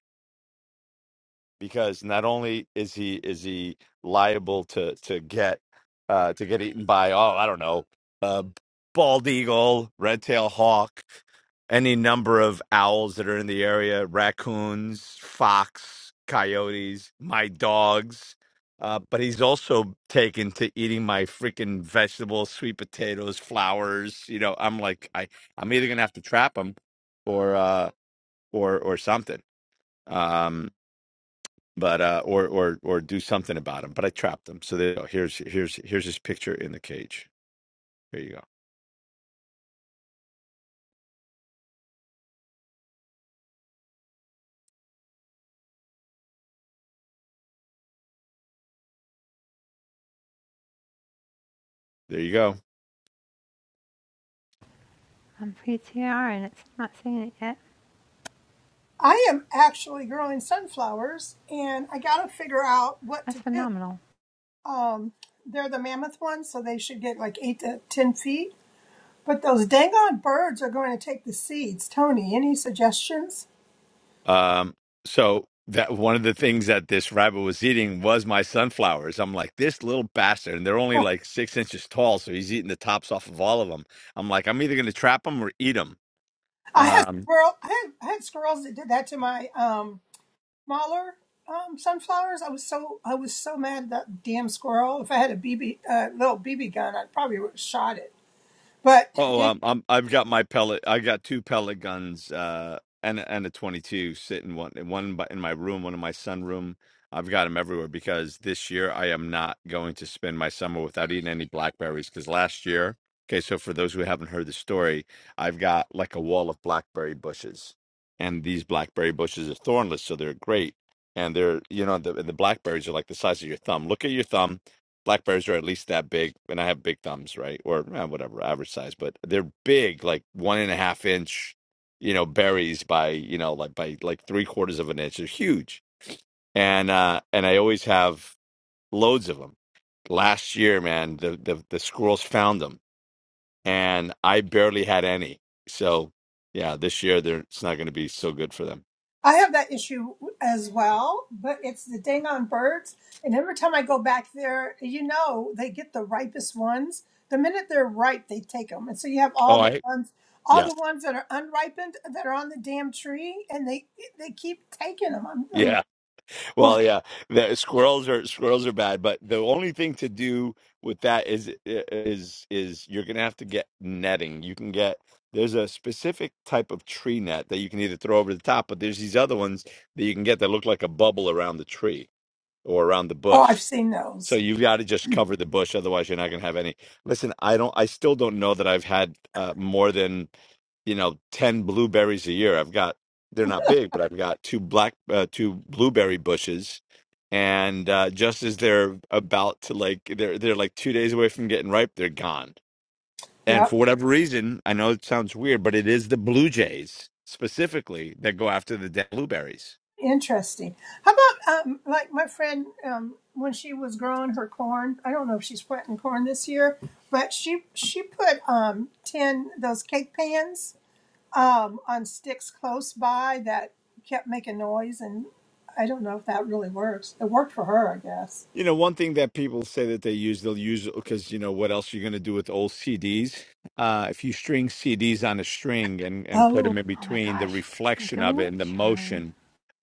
because not only is he is he liable to to get uh to get eaten by oh I don't know a bald eagle, red tail hawk, any number of owls that are in the area, raccoons, fox, coyotes, my dogs. Uh, but he's also taken to eating my freaking vegetables, sweet potatoes, flowers. You know, I'm like, I, I'm either gonna have to trap him, or, uh, or, or something. um, but uh, or or or do something about him. But I trapped them. So there you go. Here's here's here's his picture in the cage. Here you go. There you go.
I'm PTR and it's not saying it yet.
I am actually growing sunflowers and I got to figure out what to
That's
do
phenomenal.
um, they're the mammoth ones, so they should get like eight to ten feet. But those dang on birds are going to take the seeds. Tony, any suggestions?
Um, so that one of the things that this rabbit was eating was my sunflowers. I'm like, this little bastard, and they're only like six inches tall, so he's eating the tops off of all of them. I'm like, I'm either gonna trap him or eat
I had
him.
squirrel, I had, I had squirrels that did that to my um, smaller um, sunflowers. I was so I was so mad at that damn squirrel. If I had a BB uh, little BB gun, I'd probably would have shot it. But
Oh, um, I'm I've got my pellet. I got two pellet guns, uh, and a- and a 22 sitting one one in in my room, one in my sunroom. I've got them everywhere because this year I am not going to spend my summer without eating any blackberries. Because last year, okay, so for those who haven't heard the story, I've got like a wall of blackberry bushes, and these blackberry bushes are thornless, so they're great. And they're, you know, the the blackberries are like the size of your thumb. Look at your thumb blackberries are at least that big, and I have big thumbs, right, or eh, whatever average size, but they're big, like one and a half inch, you know, berries by you know like by like three quarters of an inch. They're huge, and uh and I always have loads of them. Last year, man, the the, the squirrels found them, and I barely had any. So yeah, this year they're it's not going to be so good for them.
I have that issue as well, but it's the dang on birds. And every time I go back there, you know, they get the ripest ones. The minute they're ripe, they take them. And so you have all
Oh,
the
I
ones, all
yeah.
the ones that are unripened that are on the damn tree, and they they keep taking them. I'm, I'm like,
Yeah.
oh,
Well, yeah, the squirrels are squirrels are bad, but the only thing to do with that is is is you're gonna have to get netting. You can get there's a specific type of tree net that you can either throw over the top, but there's these other ones that you can get that look like a bubble around the tree or around the
oh,
bush.
I've seen
So
those.
you've got to just cover the bush, otherwise you're not going to have any. Listen, I don't. I still don't know that I've had uh, more than you know ten blueberries a year. I've got they're not big, but I've got two black uh, two blueberry bushes, and uh, just as they're about to like they're they're like two days away from getting ripe, they're gone. And
Yep,
for whatever reason, I know it sounds weird, but it is the blue jays specifically that go after the dead blueberries.
interesting. How about um, like my friend um, when she was growing her corn? I don't know if she's planting corn this year, but she she put um ten those cake pans um, on sticks close by that kept making noise, and I don't know if that really works. It worked for her, I guess.
You know, one thing that people say that they use, they'll use because you know what else you're going to do with old CDs. Uh, if you string CDs on a string and and put
Oh,
them in
Oh my
between, the
gosh, make
reflection
a
of it
wind
and the
chime.
motion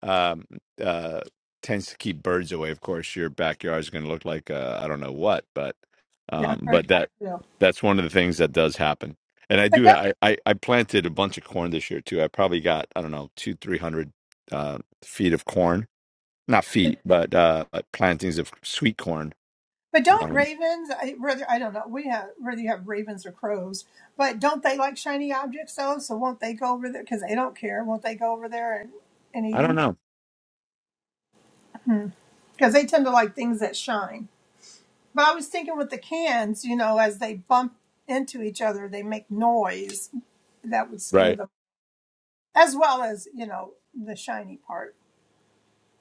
um, uh, tends to keep birds away. Of course, your backyard is going to look like uh, I don't know what, but
yeah, I've
um,
heard
but
that
that
too.
that's one of the things that does happen. And I
But
do
don't,
I, I I planted a bunch of corn this year too. I probably got I don't know two three hundred uh, feet of corn not
but,
feet, but uh, like plantings of sweet corn.
but don't
Um,
ravens? I, whether I don't know, we have whether you have ravens or crows, but don't they like shiny objects though? So won't they go over there? Because they don't care. Won't they go over there and and eat
I don't know.
them? Because they tend to like things that shine. But I was thinking with the cans, you know, as they bump into each other, they make noise that would scare
Right.
them. as well as you know the shiny part.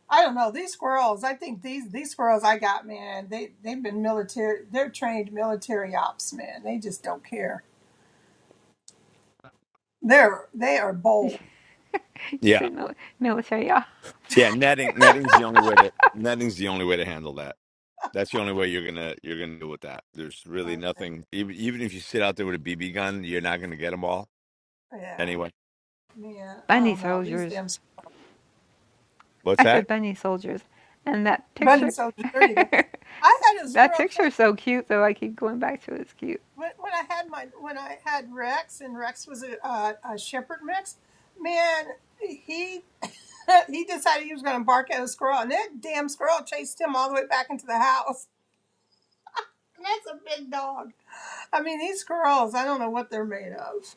I don't know these squirrels. I think these these squirrels I got, man. They they've been military. They're trained military ops, man. They just don't care. They're they are bold.
You
Yeah.
said mil- military, yeah.
Yeah. Netting. Netting's the only way to. Netting's the only way to handle that. That's the only way you're gonna you're gonna deal with that. There's really
Okay.
nothing. Even even if you sit out there with a BB gun, you're not gonna get them all
Yeah,
anyway.
man. I
Bundy
don't know these
soldiers.
damn
What's
I said
that?
Bundy soldiers, and that
bunny
picture.
soldiers. There you go. I had a
That
squirrel case
picture's so cute though. I keep going back to it. It's cute.
when, when I had my when I had Rex, and Rex was a a, a shepherd mix. Man, he he decided he was going to bark at a squirrel, and that damn squirrel chased him all the way back into the house. That's a big dog. I mean, these squirrels, I don't know what they're made of.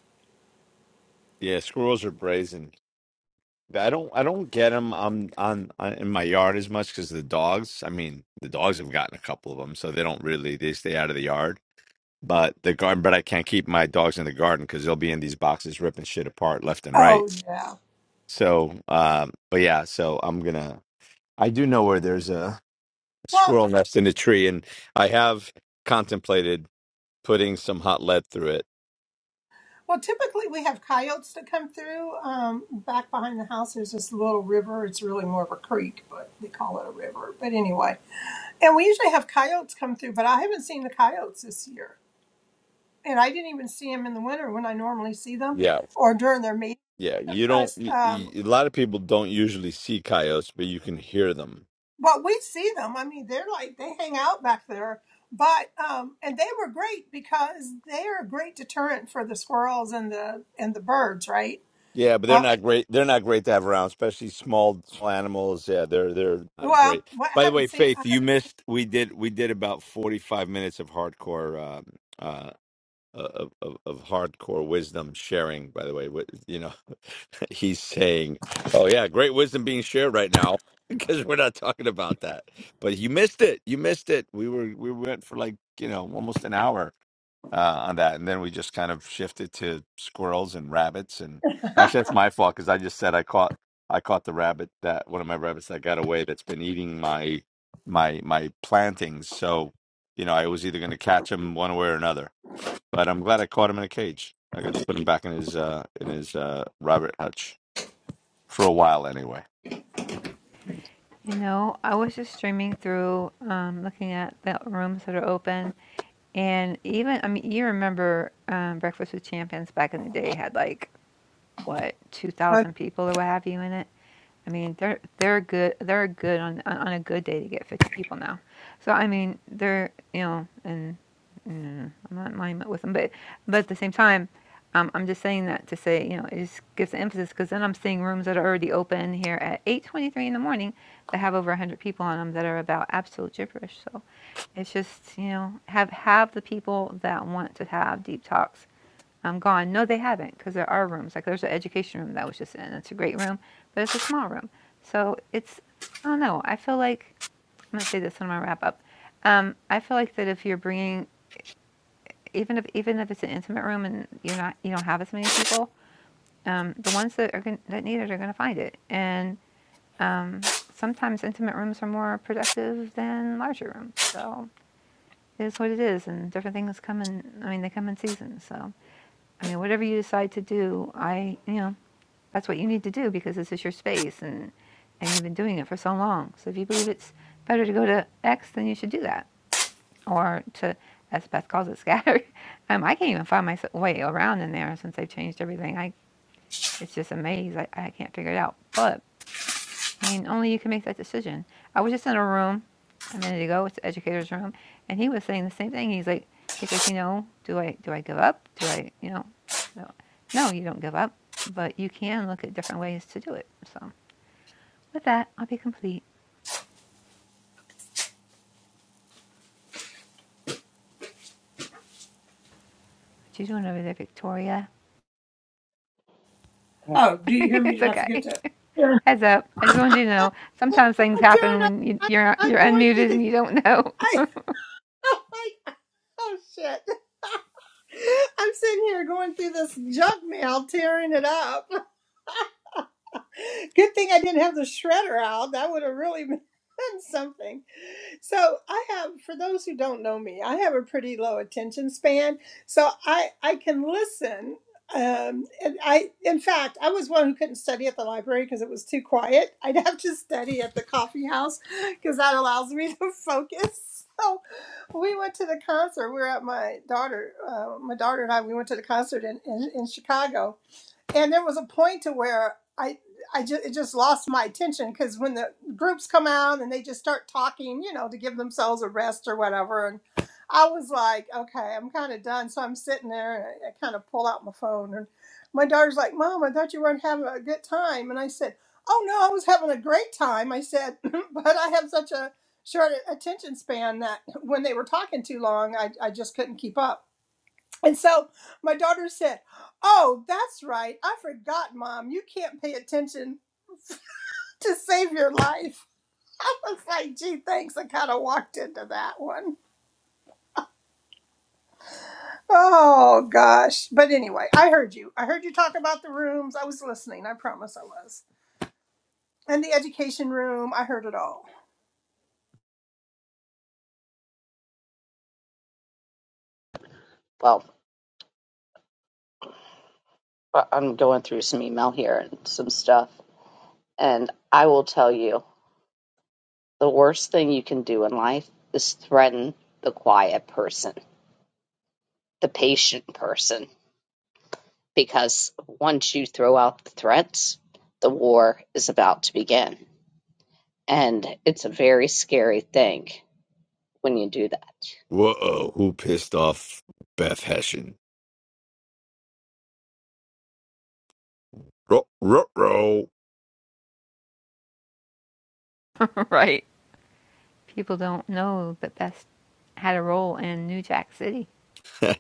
Yeah, squirrels are brazen. I don't I don't get them on on, on in my yard as much because the dogs. I mean, the dogs have gotten a couple of them, so they don't really they stay out of the yard but the garden but i can't keep my dogs in the garden because they'll be in these boxes ripping shit apart left and right
Oh, yeah.
so um but yeah so i'm gonna i do know where there's a
Well,
squirrel nest in a tree and i have contemplated putting some hot lead through it
well, typically we have coyotes that come through. Um, back behind the house, there's this little river. It's really more of a creek, but they call it a river. But anyway, and we usually have coyotes come through, but I haven't seen the coyotes this year. And I didn't even see them in the winter when I normally see them
yeah
or during their meetings.
yeah you don't y-
Um,
y- a lot of people don't usually see coyotes but you can hear them
Well, we see them. I mean, they're like they hang out back there, but um, and they were great because they are a great deterrent for the squirrels and the and the birds, right?
Yeah, but they're
Uh,
not great. They're not great to have around, especially small, small animals. Yeah, they're they're not
well,
great.
what I
By the
haven't
way,
seen. I
Faith, you missed. We did we did about forty five minutes of hardcore uh, uh, of, of of hardcore wisdom sharing. By the way, Wi- you know he's saying, "Oh yeah, great wisdom being shared right now," because we're not talking about that. But you missed it. You missed it. We were we went for like you know almost an hour uh, on that. And then we just kind of shifted to squirrels and rabbits. And actually, that's my fault because I just said I caught I caught the rabbit that one of my rabbits that got away that's been eating my my my plantings. So you know, I was either going to catch him one way or another. But I'm glad I caught him in a cage. I could put him back in his uh, in his uh, rabbit hutch for a while anyway.
You know, I was just streaming through, um, looking at the rooms that are open, and even I mean, you remember um, Breakfast with Champions back in the day had like what two
haven't,
thousand people or what have you in it. I mean, they're they're good. They're good on on on a good day to get 50 people now. So I mean, they're you know, and mm, I'm not in alignment with them, but but at the same time, um, I'm just saying that to say you know it just gives the emphasis because then I'm seeing rooms that are already open here at 8:23 in the morning that have over 100 people on them that are about absolute gibberish. So it's just you know have have the people that want to have deep talks I'm gone. No, they haven't, because there are rooms. Like there's an education room that I was just in. It's a great room, but it's a small room. So it's, I don't know. I feel like I'm gonna say this in my wrap up. Um, I feel like that if you're bringing, even if even if it's an intimate room and you're not, you don't have as many people, um, the ones that are gonna, that need it are gonna find it. And um, sometimes intimate rooms are more productive than larger rooms. So it is what it is, and different things come in. I mean, they come in seasons. So I mean, whatever you decide to do, I you know that's what you need to do because this is your space and and you've been doing it for so long. So if you believe it's better to go to X, then you should do that. Or to, as Beth calls it, scatter. um, I can't even find my way around in there since they've changed everything. I it's just a maze. I, I can't figure it out. But I mean, only you can make that decision. I was just in a room a minute ago. It's the educator's room, and he was saying the same thing. He's like, he's like, you know, do I do I give up? Do I, you know? So no, you don't give up, but you can look at different ways to do it. So. With that, I'll be complete. What you doing over there, Victoria?
oh, do you hear me?
it's
Did I forget
okay.
to? Yeah.
Heads up. I just wanted you to know. Sometimes things
Oh,
happen
Taryn,
when you,
I,
you're
I'm
you're
going through
unmuted
the.
and you don't know.
I I'm like, oh shit. I'm sitting here going through this junk mail, tearing it up. Good thing I didn't have the shredder out. That would have really been something. So I have, for those who don't know me, I have a pretty low attention span. So I I can listen. Um, and I, in fact, I was one who couldn't study at the library because it was too quiet. I'd have to study at the coffee house because that allows me to focus. So we went to the concert. We were at my daughter, uh, my daughter and I. We went to the concert in in, in Chicago, and there was a point to where I I just it just lost my attention because when the groups come out and they just start talking, you know, to give themselves a rest or whatever, and I was like, okay, I'm kind of done. So I'm sitting there and I, I kind of pull out my phone, and my daughter's like, Mom, I thought you weren't having a good time, and I said, Oh no, I was having a great time. I said, but I have such a short attention span that when they were talking too long, I, I just couldn't keep up. And so my daughter said, Oh, that's right. I forgot, Mom. You can't pay attention to save your life. I was like, gee, thanks. I kind of walked into that one. Oh, gosh. But anyway, I heard you. I heard you talk about the rooms. I was listening. I promise I was. And the education room. I heard it all.
well I- i'm going through some email here and some stuff and i will tell you the worst thing you can do in life is threaten the quiet person the patient person because once you throw out the threats, the war is about to begin. And it's a very scary thing when you do that.
Whoa, who pissed off Beth Hessian? Ruh, ruh, ruh.
right. People don't know that Beth had a role in New Jack City.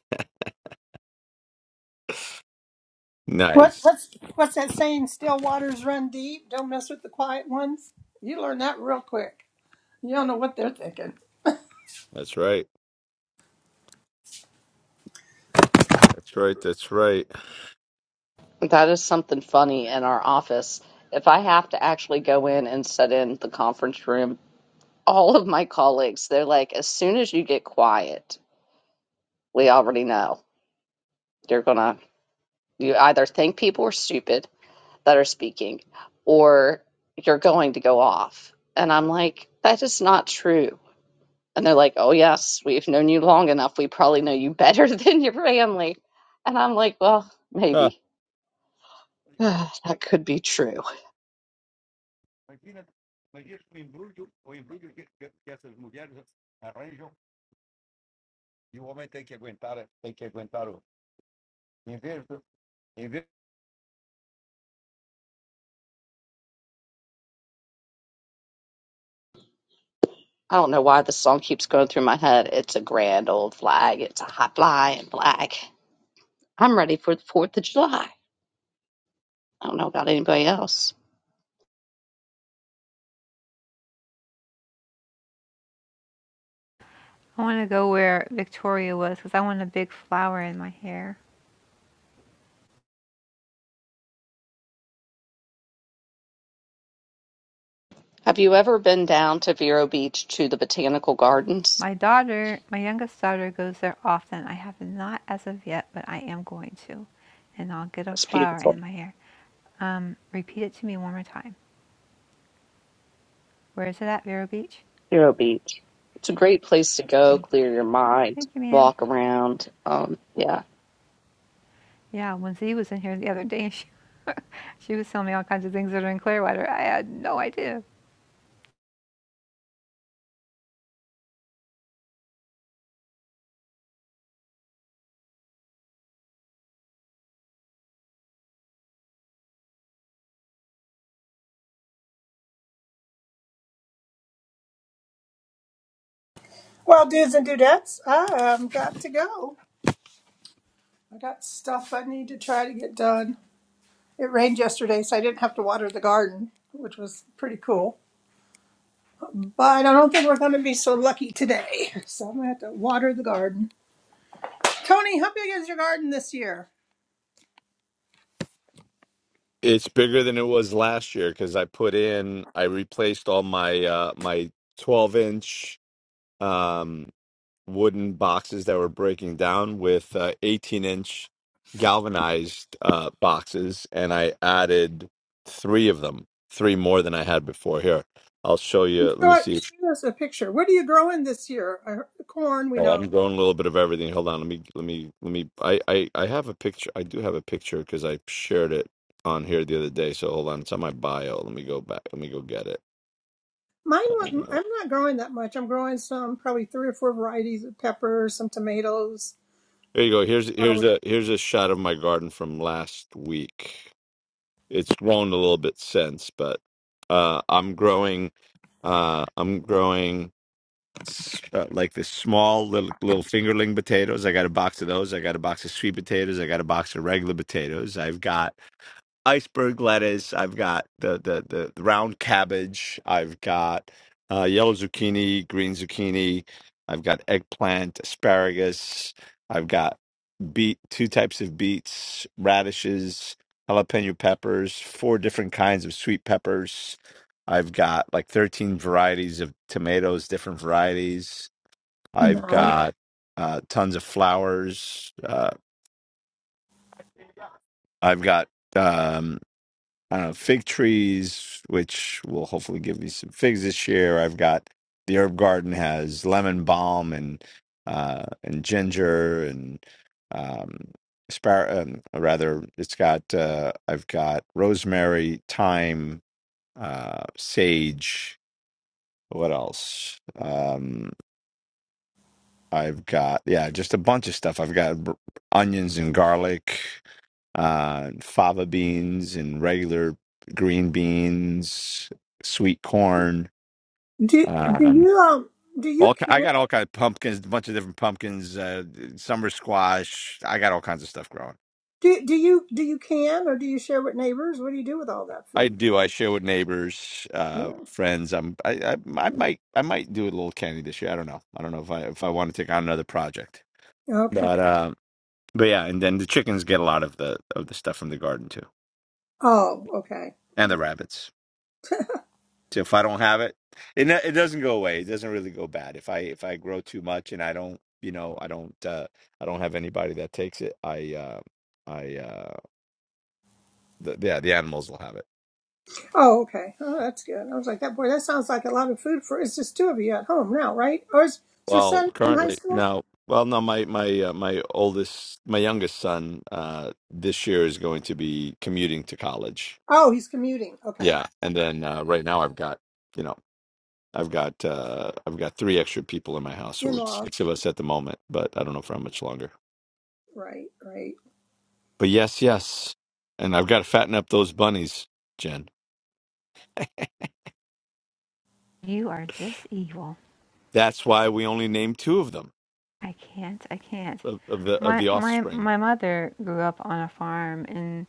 What,
nice.
what's, what's that saying? Still waters run deep. Don't mess with the quiet ones. You learn that real quick. You don't know what they're thinking.
That's right. That's right. That's right.
That is something funny in our office. If I have to actually go in and set in the conference room, all of my colleagues, they're like, as soon as you get quiet, we already know you're going to, you either think people are stupid that are speaking, or you're going to go off. And I'm like, that is not true. And they're like, oh, yes, we've known you long enough. We probably know you better than your family. And I'm like, well, maybe. that could be true. I don't know why this song keeps going through my head. It's a grand old flag. It's a high flying flag. I'm ready for the 4th of July. I don't know about anybody else.
I want to go where Victoria was because I want a big flower in my hair.
Have you ever been down to Vero Beach to the botanical gardens?
My daughter, my youngest daughter, goes there often. I have not as of yet, but I am going to, and I'll get a
It's
flower
beautiful.
in my hair. Um, repeat it to me one more time. Where is it at Vero Beach?
Vero Beach. It's a great place to go,
Thank you.
clear your mind,
Thank you, ma'am.
walk around. Um, yeah,
Yeah, when Z was in here the other day, she, she was telling me all kinds of things that are in Clearwater. I had no idea.
Well, dudes and dudettes, I um, got to go. I got stuff I need to try to get done. It rained yesterday, so I didn't have to water the garden, which was pretty cool. But I don't think we're going to be so lucky today. So I'm going to have to water the garden. Tony, how big is your garden this year?
It's bigger than it was last year because I put in, I replaced all my uh my 12 inch um wooden boxes that were breaking down with uh 18 inch galvanized uh boxes, and I added three of them, three more than I had before. Here, I'll show you. Let
Show
me
it-
see if
shoot us a picture. What are you growing this year? I heard the corn, we
oh, I'm
know.
growing a little bit of everything. Hold on, let me let me let me I I I have a picture. I do have a picture because I shared it on here the other day. So hold on, it's on my bio. Let me go back. Let me go get it.
Mine
Here
wasn't, I'm not growing that much. I'm growing some, probably three or four varieties of peppers, some tomatoes,
you go. Here's here's
flowers.
a here's a shot of my garden from last week. It's grown a little bit since, but uh, I'm growing. Uh, I'm growing s- uh, like this small little little fingerling potatoes. I got a box of those. I got a box of sweet potatoes. I got a box of regular potatoes. I've got iceberg lettuce. I've got the the the, the round cabbage. I've got uh, yellow zucchini, green zucchini. I've got eggplant, asparagus. I've got beet, two types of beets, radishes, jalapeno peppers, four different kinds of sweet peppers. I've got like 13 varieties of tomatoes, different varieties. I've
Nice.
got uh, tons of flowers. Uh, I've got um, I don't know, fig trees, which will hopefully give me some figs this year. I've got the herb garden has lemon balm and uh, and ginger and um, spar- um, rather it's got uh, I've got rosemary, thyme, uh, sage. What else? Um, I've got yeah, just a bunch of stuff. I've got b- onions and garlic, uh, fava beans and regular green beans, sweet corn.
Do, do
Um,
you, um, do you
all ki-
can?
I got all kinds of pumpkins, a bunch of different pumpkins, uh, summer squash. I got all kinds of stuff growing.
Do do you do you can or do you share with neighbors? What do you do with all that
I
food?
do. I share with neighbors, uh,
Yeah.
friends. I'm. I, I. I might. I might do a little candy this year. I don't know. I don't know if I if I want to take on another project.
Okay.
But uh, But yeah, and then the chickens get a lot of the of the stuff from the garden too,
Oh, okay.
and the rabbits. So if I don't have it, it no- it doesn't go away. It doesn't really go bad. If I if I grow too much and I don't, you know, I don't uh I don't have anybody that takes it. I uh I uh the, yeah, the animals will have it.
Oh, okay. Oh, that's good. I was like, that boy, that sounds like a lot of food for. It's just two of you at home now, right? Or is, is your
Well,
son in high
currently
school?
no. Well, no, my my uh, my oldest, my youngest son, uh, this year is going to be commuting to college.
Oh, he's commuting. Okay.
Yeah, and then uh, right now I've got you know I've got uh I've got three extra people in my house,
In
so it's
laws.
six of us at the moment, but I don't know for how much longer.
Right. Right.
But yes, yes. And I've got to fatten up those bunnies, Jen.
You are just evil.
That's why we only named two of them
I can't. I can't.
of, of the of
My
the
my
offspring.
my mother grew up on a farm, and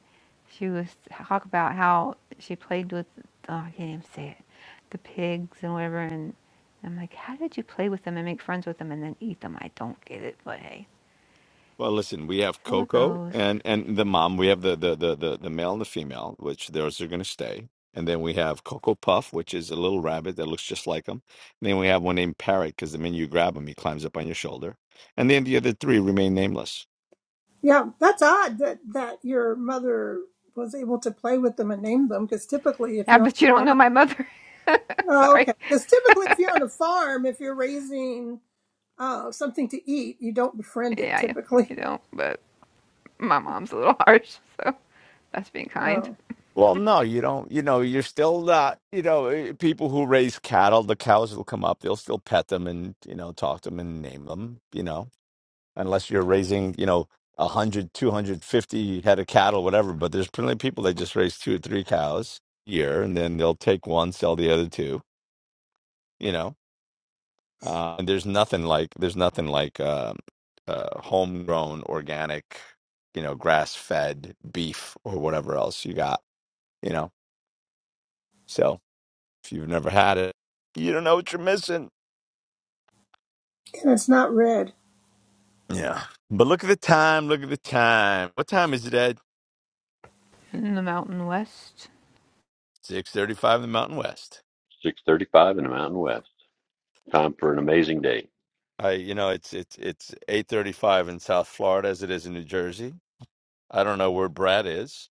she was talk about how she played with. Oh, I can't even say it. The pigs and whatever. And I'm like, how did you play with them and make friends with them and then eat them? I don't get it, but hey,
Well, listen, we have
so it
Coco
goes.
and and the mom. We have the the the the, the male and the female, which those are going to stay. And then we have Coco Puff, which is a little rabbit that looks just like him. And then we have one named Parrot because the minute you grab him, he climbs up on your shoulder. And then the other three remain nameless.
Yeah, that's odd that that your mother was able to play with them and name them because typically, if
Yeah,
you're on
but you don't
a
know
farm,
my mother.
oh, okay,
Sorry.
because typically, if you're on a farm, if you're raising uh, something to eat, you don't befriend it
Yeah, you,
typically.
you don't, but my mom's a little harsh, so that's being kind.
Oh,
Well, no, you don't. You know, you're still not. You know, eh, people who raise cattle, the cows will come up. They'll still pet them and you know talk to them and name them. You know, unless you're raising you know a hundred, two hundred fifty head of cattle, whatever. But there's plenty of people that just raise two or three cows a year, and then they'll take one, sell the other two. You know, uh, and there's nothing like there's nothing like um uh, homegrown, organic, you know, grass fed beef or whatever else you got. You know, so. If you've never had it, you don't know what you're missing.
and it's not red.
Yeah. But look at the time. Look at the time. What time is it, Ed?
In the Mountain West?
Six thirty-five in the Mountain West.
635 in the Mountain West. Time for an amazing day.
I, you know, it's it's it's eight thirty-five in South Florida as it is in New Jersey. I don't know where Brad is.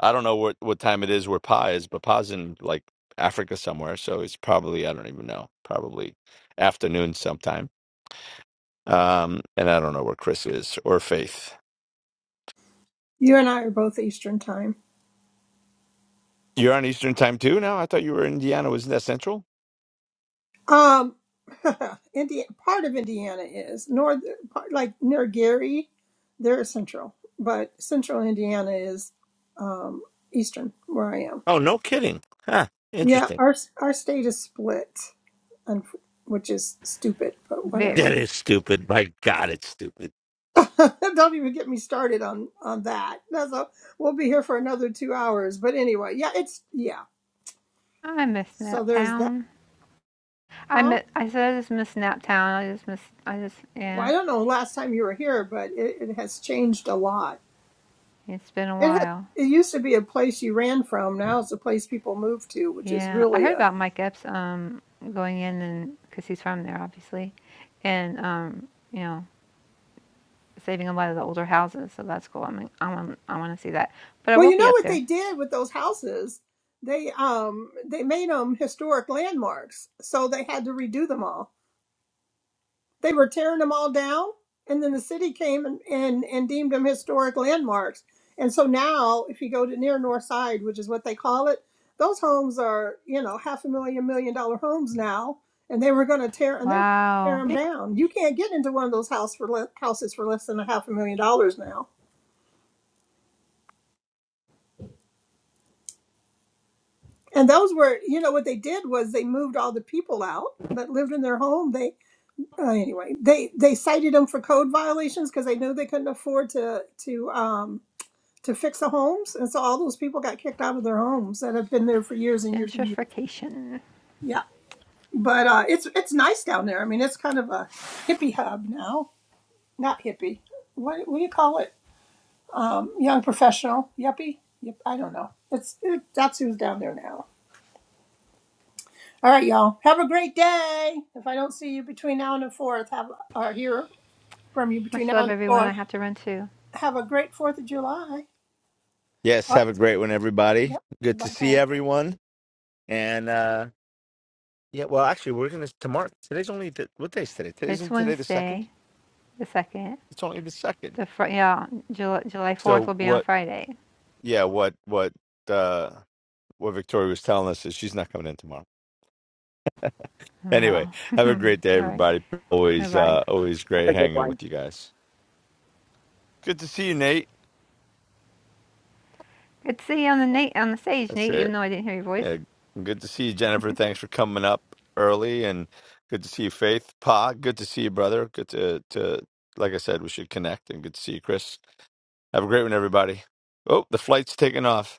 I don't know what what time it is where Pa is, but Pa's in like Africa somewhere, so it's probably I don't even know. Probably afternoon sometime. Um, and I don't know where Chris is or Faith.
You and I are both Eastern time.
You're on Eastern time too now. I thought you were in Indiana. Wasn't that Central?
Um, Indiana, part of Indiana is north, part, like near Gary, they're central, but central Indiana is um, Eastern, where I am.
Oh, no kidding. Huh.
Yeah,
Interesting.
our our state is split, and which is stupid, but
That
whatever.
Very.
is stupid. My God, it's stupid.
Don't even get me started on on that. That's a, we'll be here for another two hours. But anyway, yeah, it's yeah.
I miss
So there's that,
Naptown. I
huh?
miss, I said I just miss Naptown. I just miss, I just,
Well,
yeah.
I don't know last time you were here, but it, it has changed a lot.
It's been a
It has.
while.
It used to be a place you ran from. Now it's a place people move to, which is
Yeah, I
really
heard
a.
about Mike Epps um, going in and, because he's from there, obviously, and, um, you know, saving a lot of the older houses, so that's cool. I mean, I want, I want to see that. But I
Well,
will
you
be
know
up
what they
there.
did with those houses? They um they made them historic landmarks, so they had to redo them all. They were tearing them all down, and then the city came and, and, and deemed them historic landmarks. And so now, if you go to near North Side, which is what they call it, those homes are you know half a million million dollar homes now, and they were going to tear and they were gonna tear
Wow.
them down. You can't get into one of those house for le- houses for less than a half a million dollars now and those were you know what they did was they moved all the people out that lived in their home they uh, anyway they they cited them for code violations because they knew they couldn't afford to to um to fix the homes. And so all those people got kicked out of their homes that have been there for years and years and years.
Gentrification.
Yeah. But uh, it's it's nice down there. I mean, it's kind of a hippie hub now. Not hippie. What, what do you call it? Um, young professional. Yuppie. Yep. I don't know. It's it, that's who's down there now. All right, y'all. Have a great day. If I don't see you between now and the fourth, have or hear from you between
Much
now
love,
and the
everyone.
fourth,
I have to run too.
have a great Fourth of July.
Yes.
All right.
Have a great one, everybody.
Yep.
Good
Bye
to
bye.
see everyone. And uh yeah, well, actually, we're gonna tomorrow. Today's only the, what day is today? Today
It's
isn't today the second.
Wednesday, the second.
It's only the second.
The fr- yeah, July July fourth
So
will be on
what?
Friday.
Yeah. What? What? uh What Victoria was telling us is she's not coming in tomorrow. Anyway,
Well,
have a
all
great day,
right.
everybody.
Bye
Always,
bye.
uh always great
that's a good
hanging
one.
with you guys. Good to see you, Nate.
Good to see you on the Nate on the stage,
That's
Nate.
it.
Even though I didn't hear your voice.
Yeah, good to see you, Jennifer. Thanks for coming up early, and good to see you, Faith. Pa, good to see you, brother. Good to to like I said, we should connect, and good to see you, Chris. Have a great one, everybody. Oh, the flight's taking off.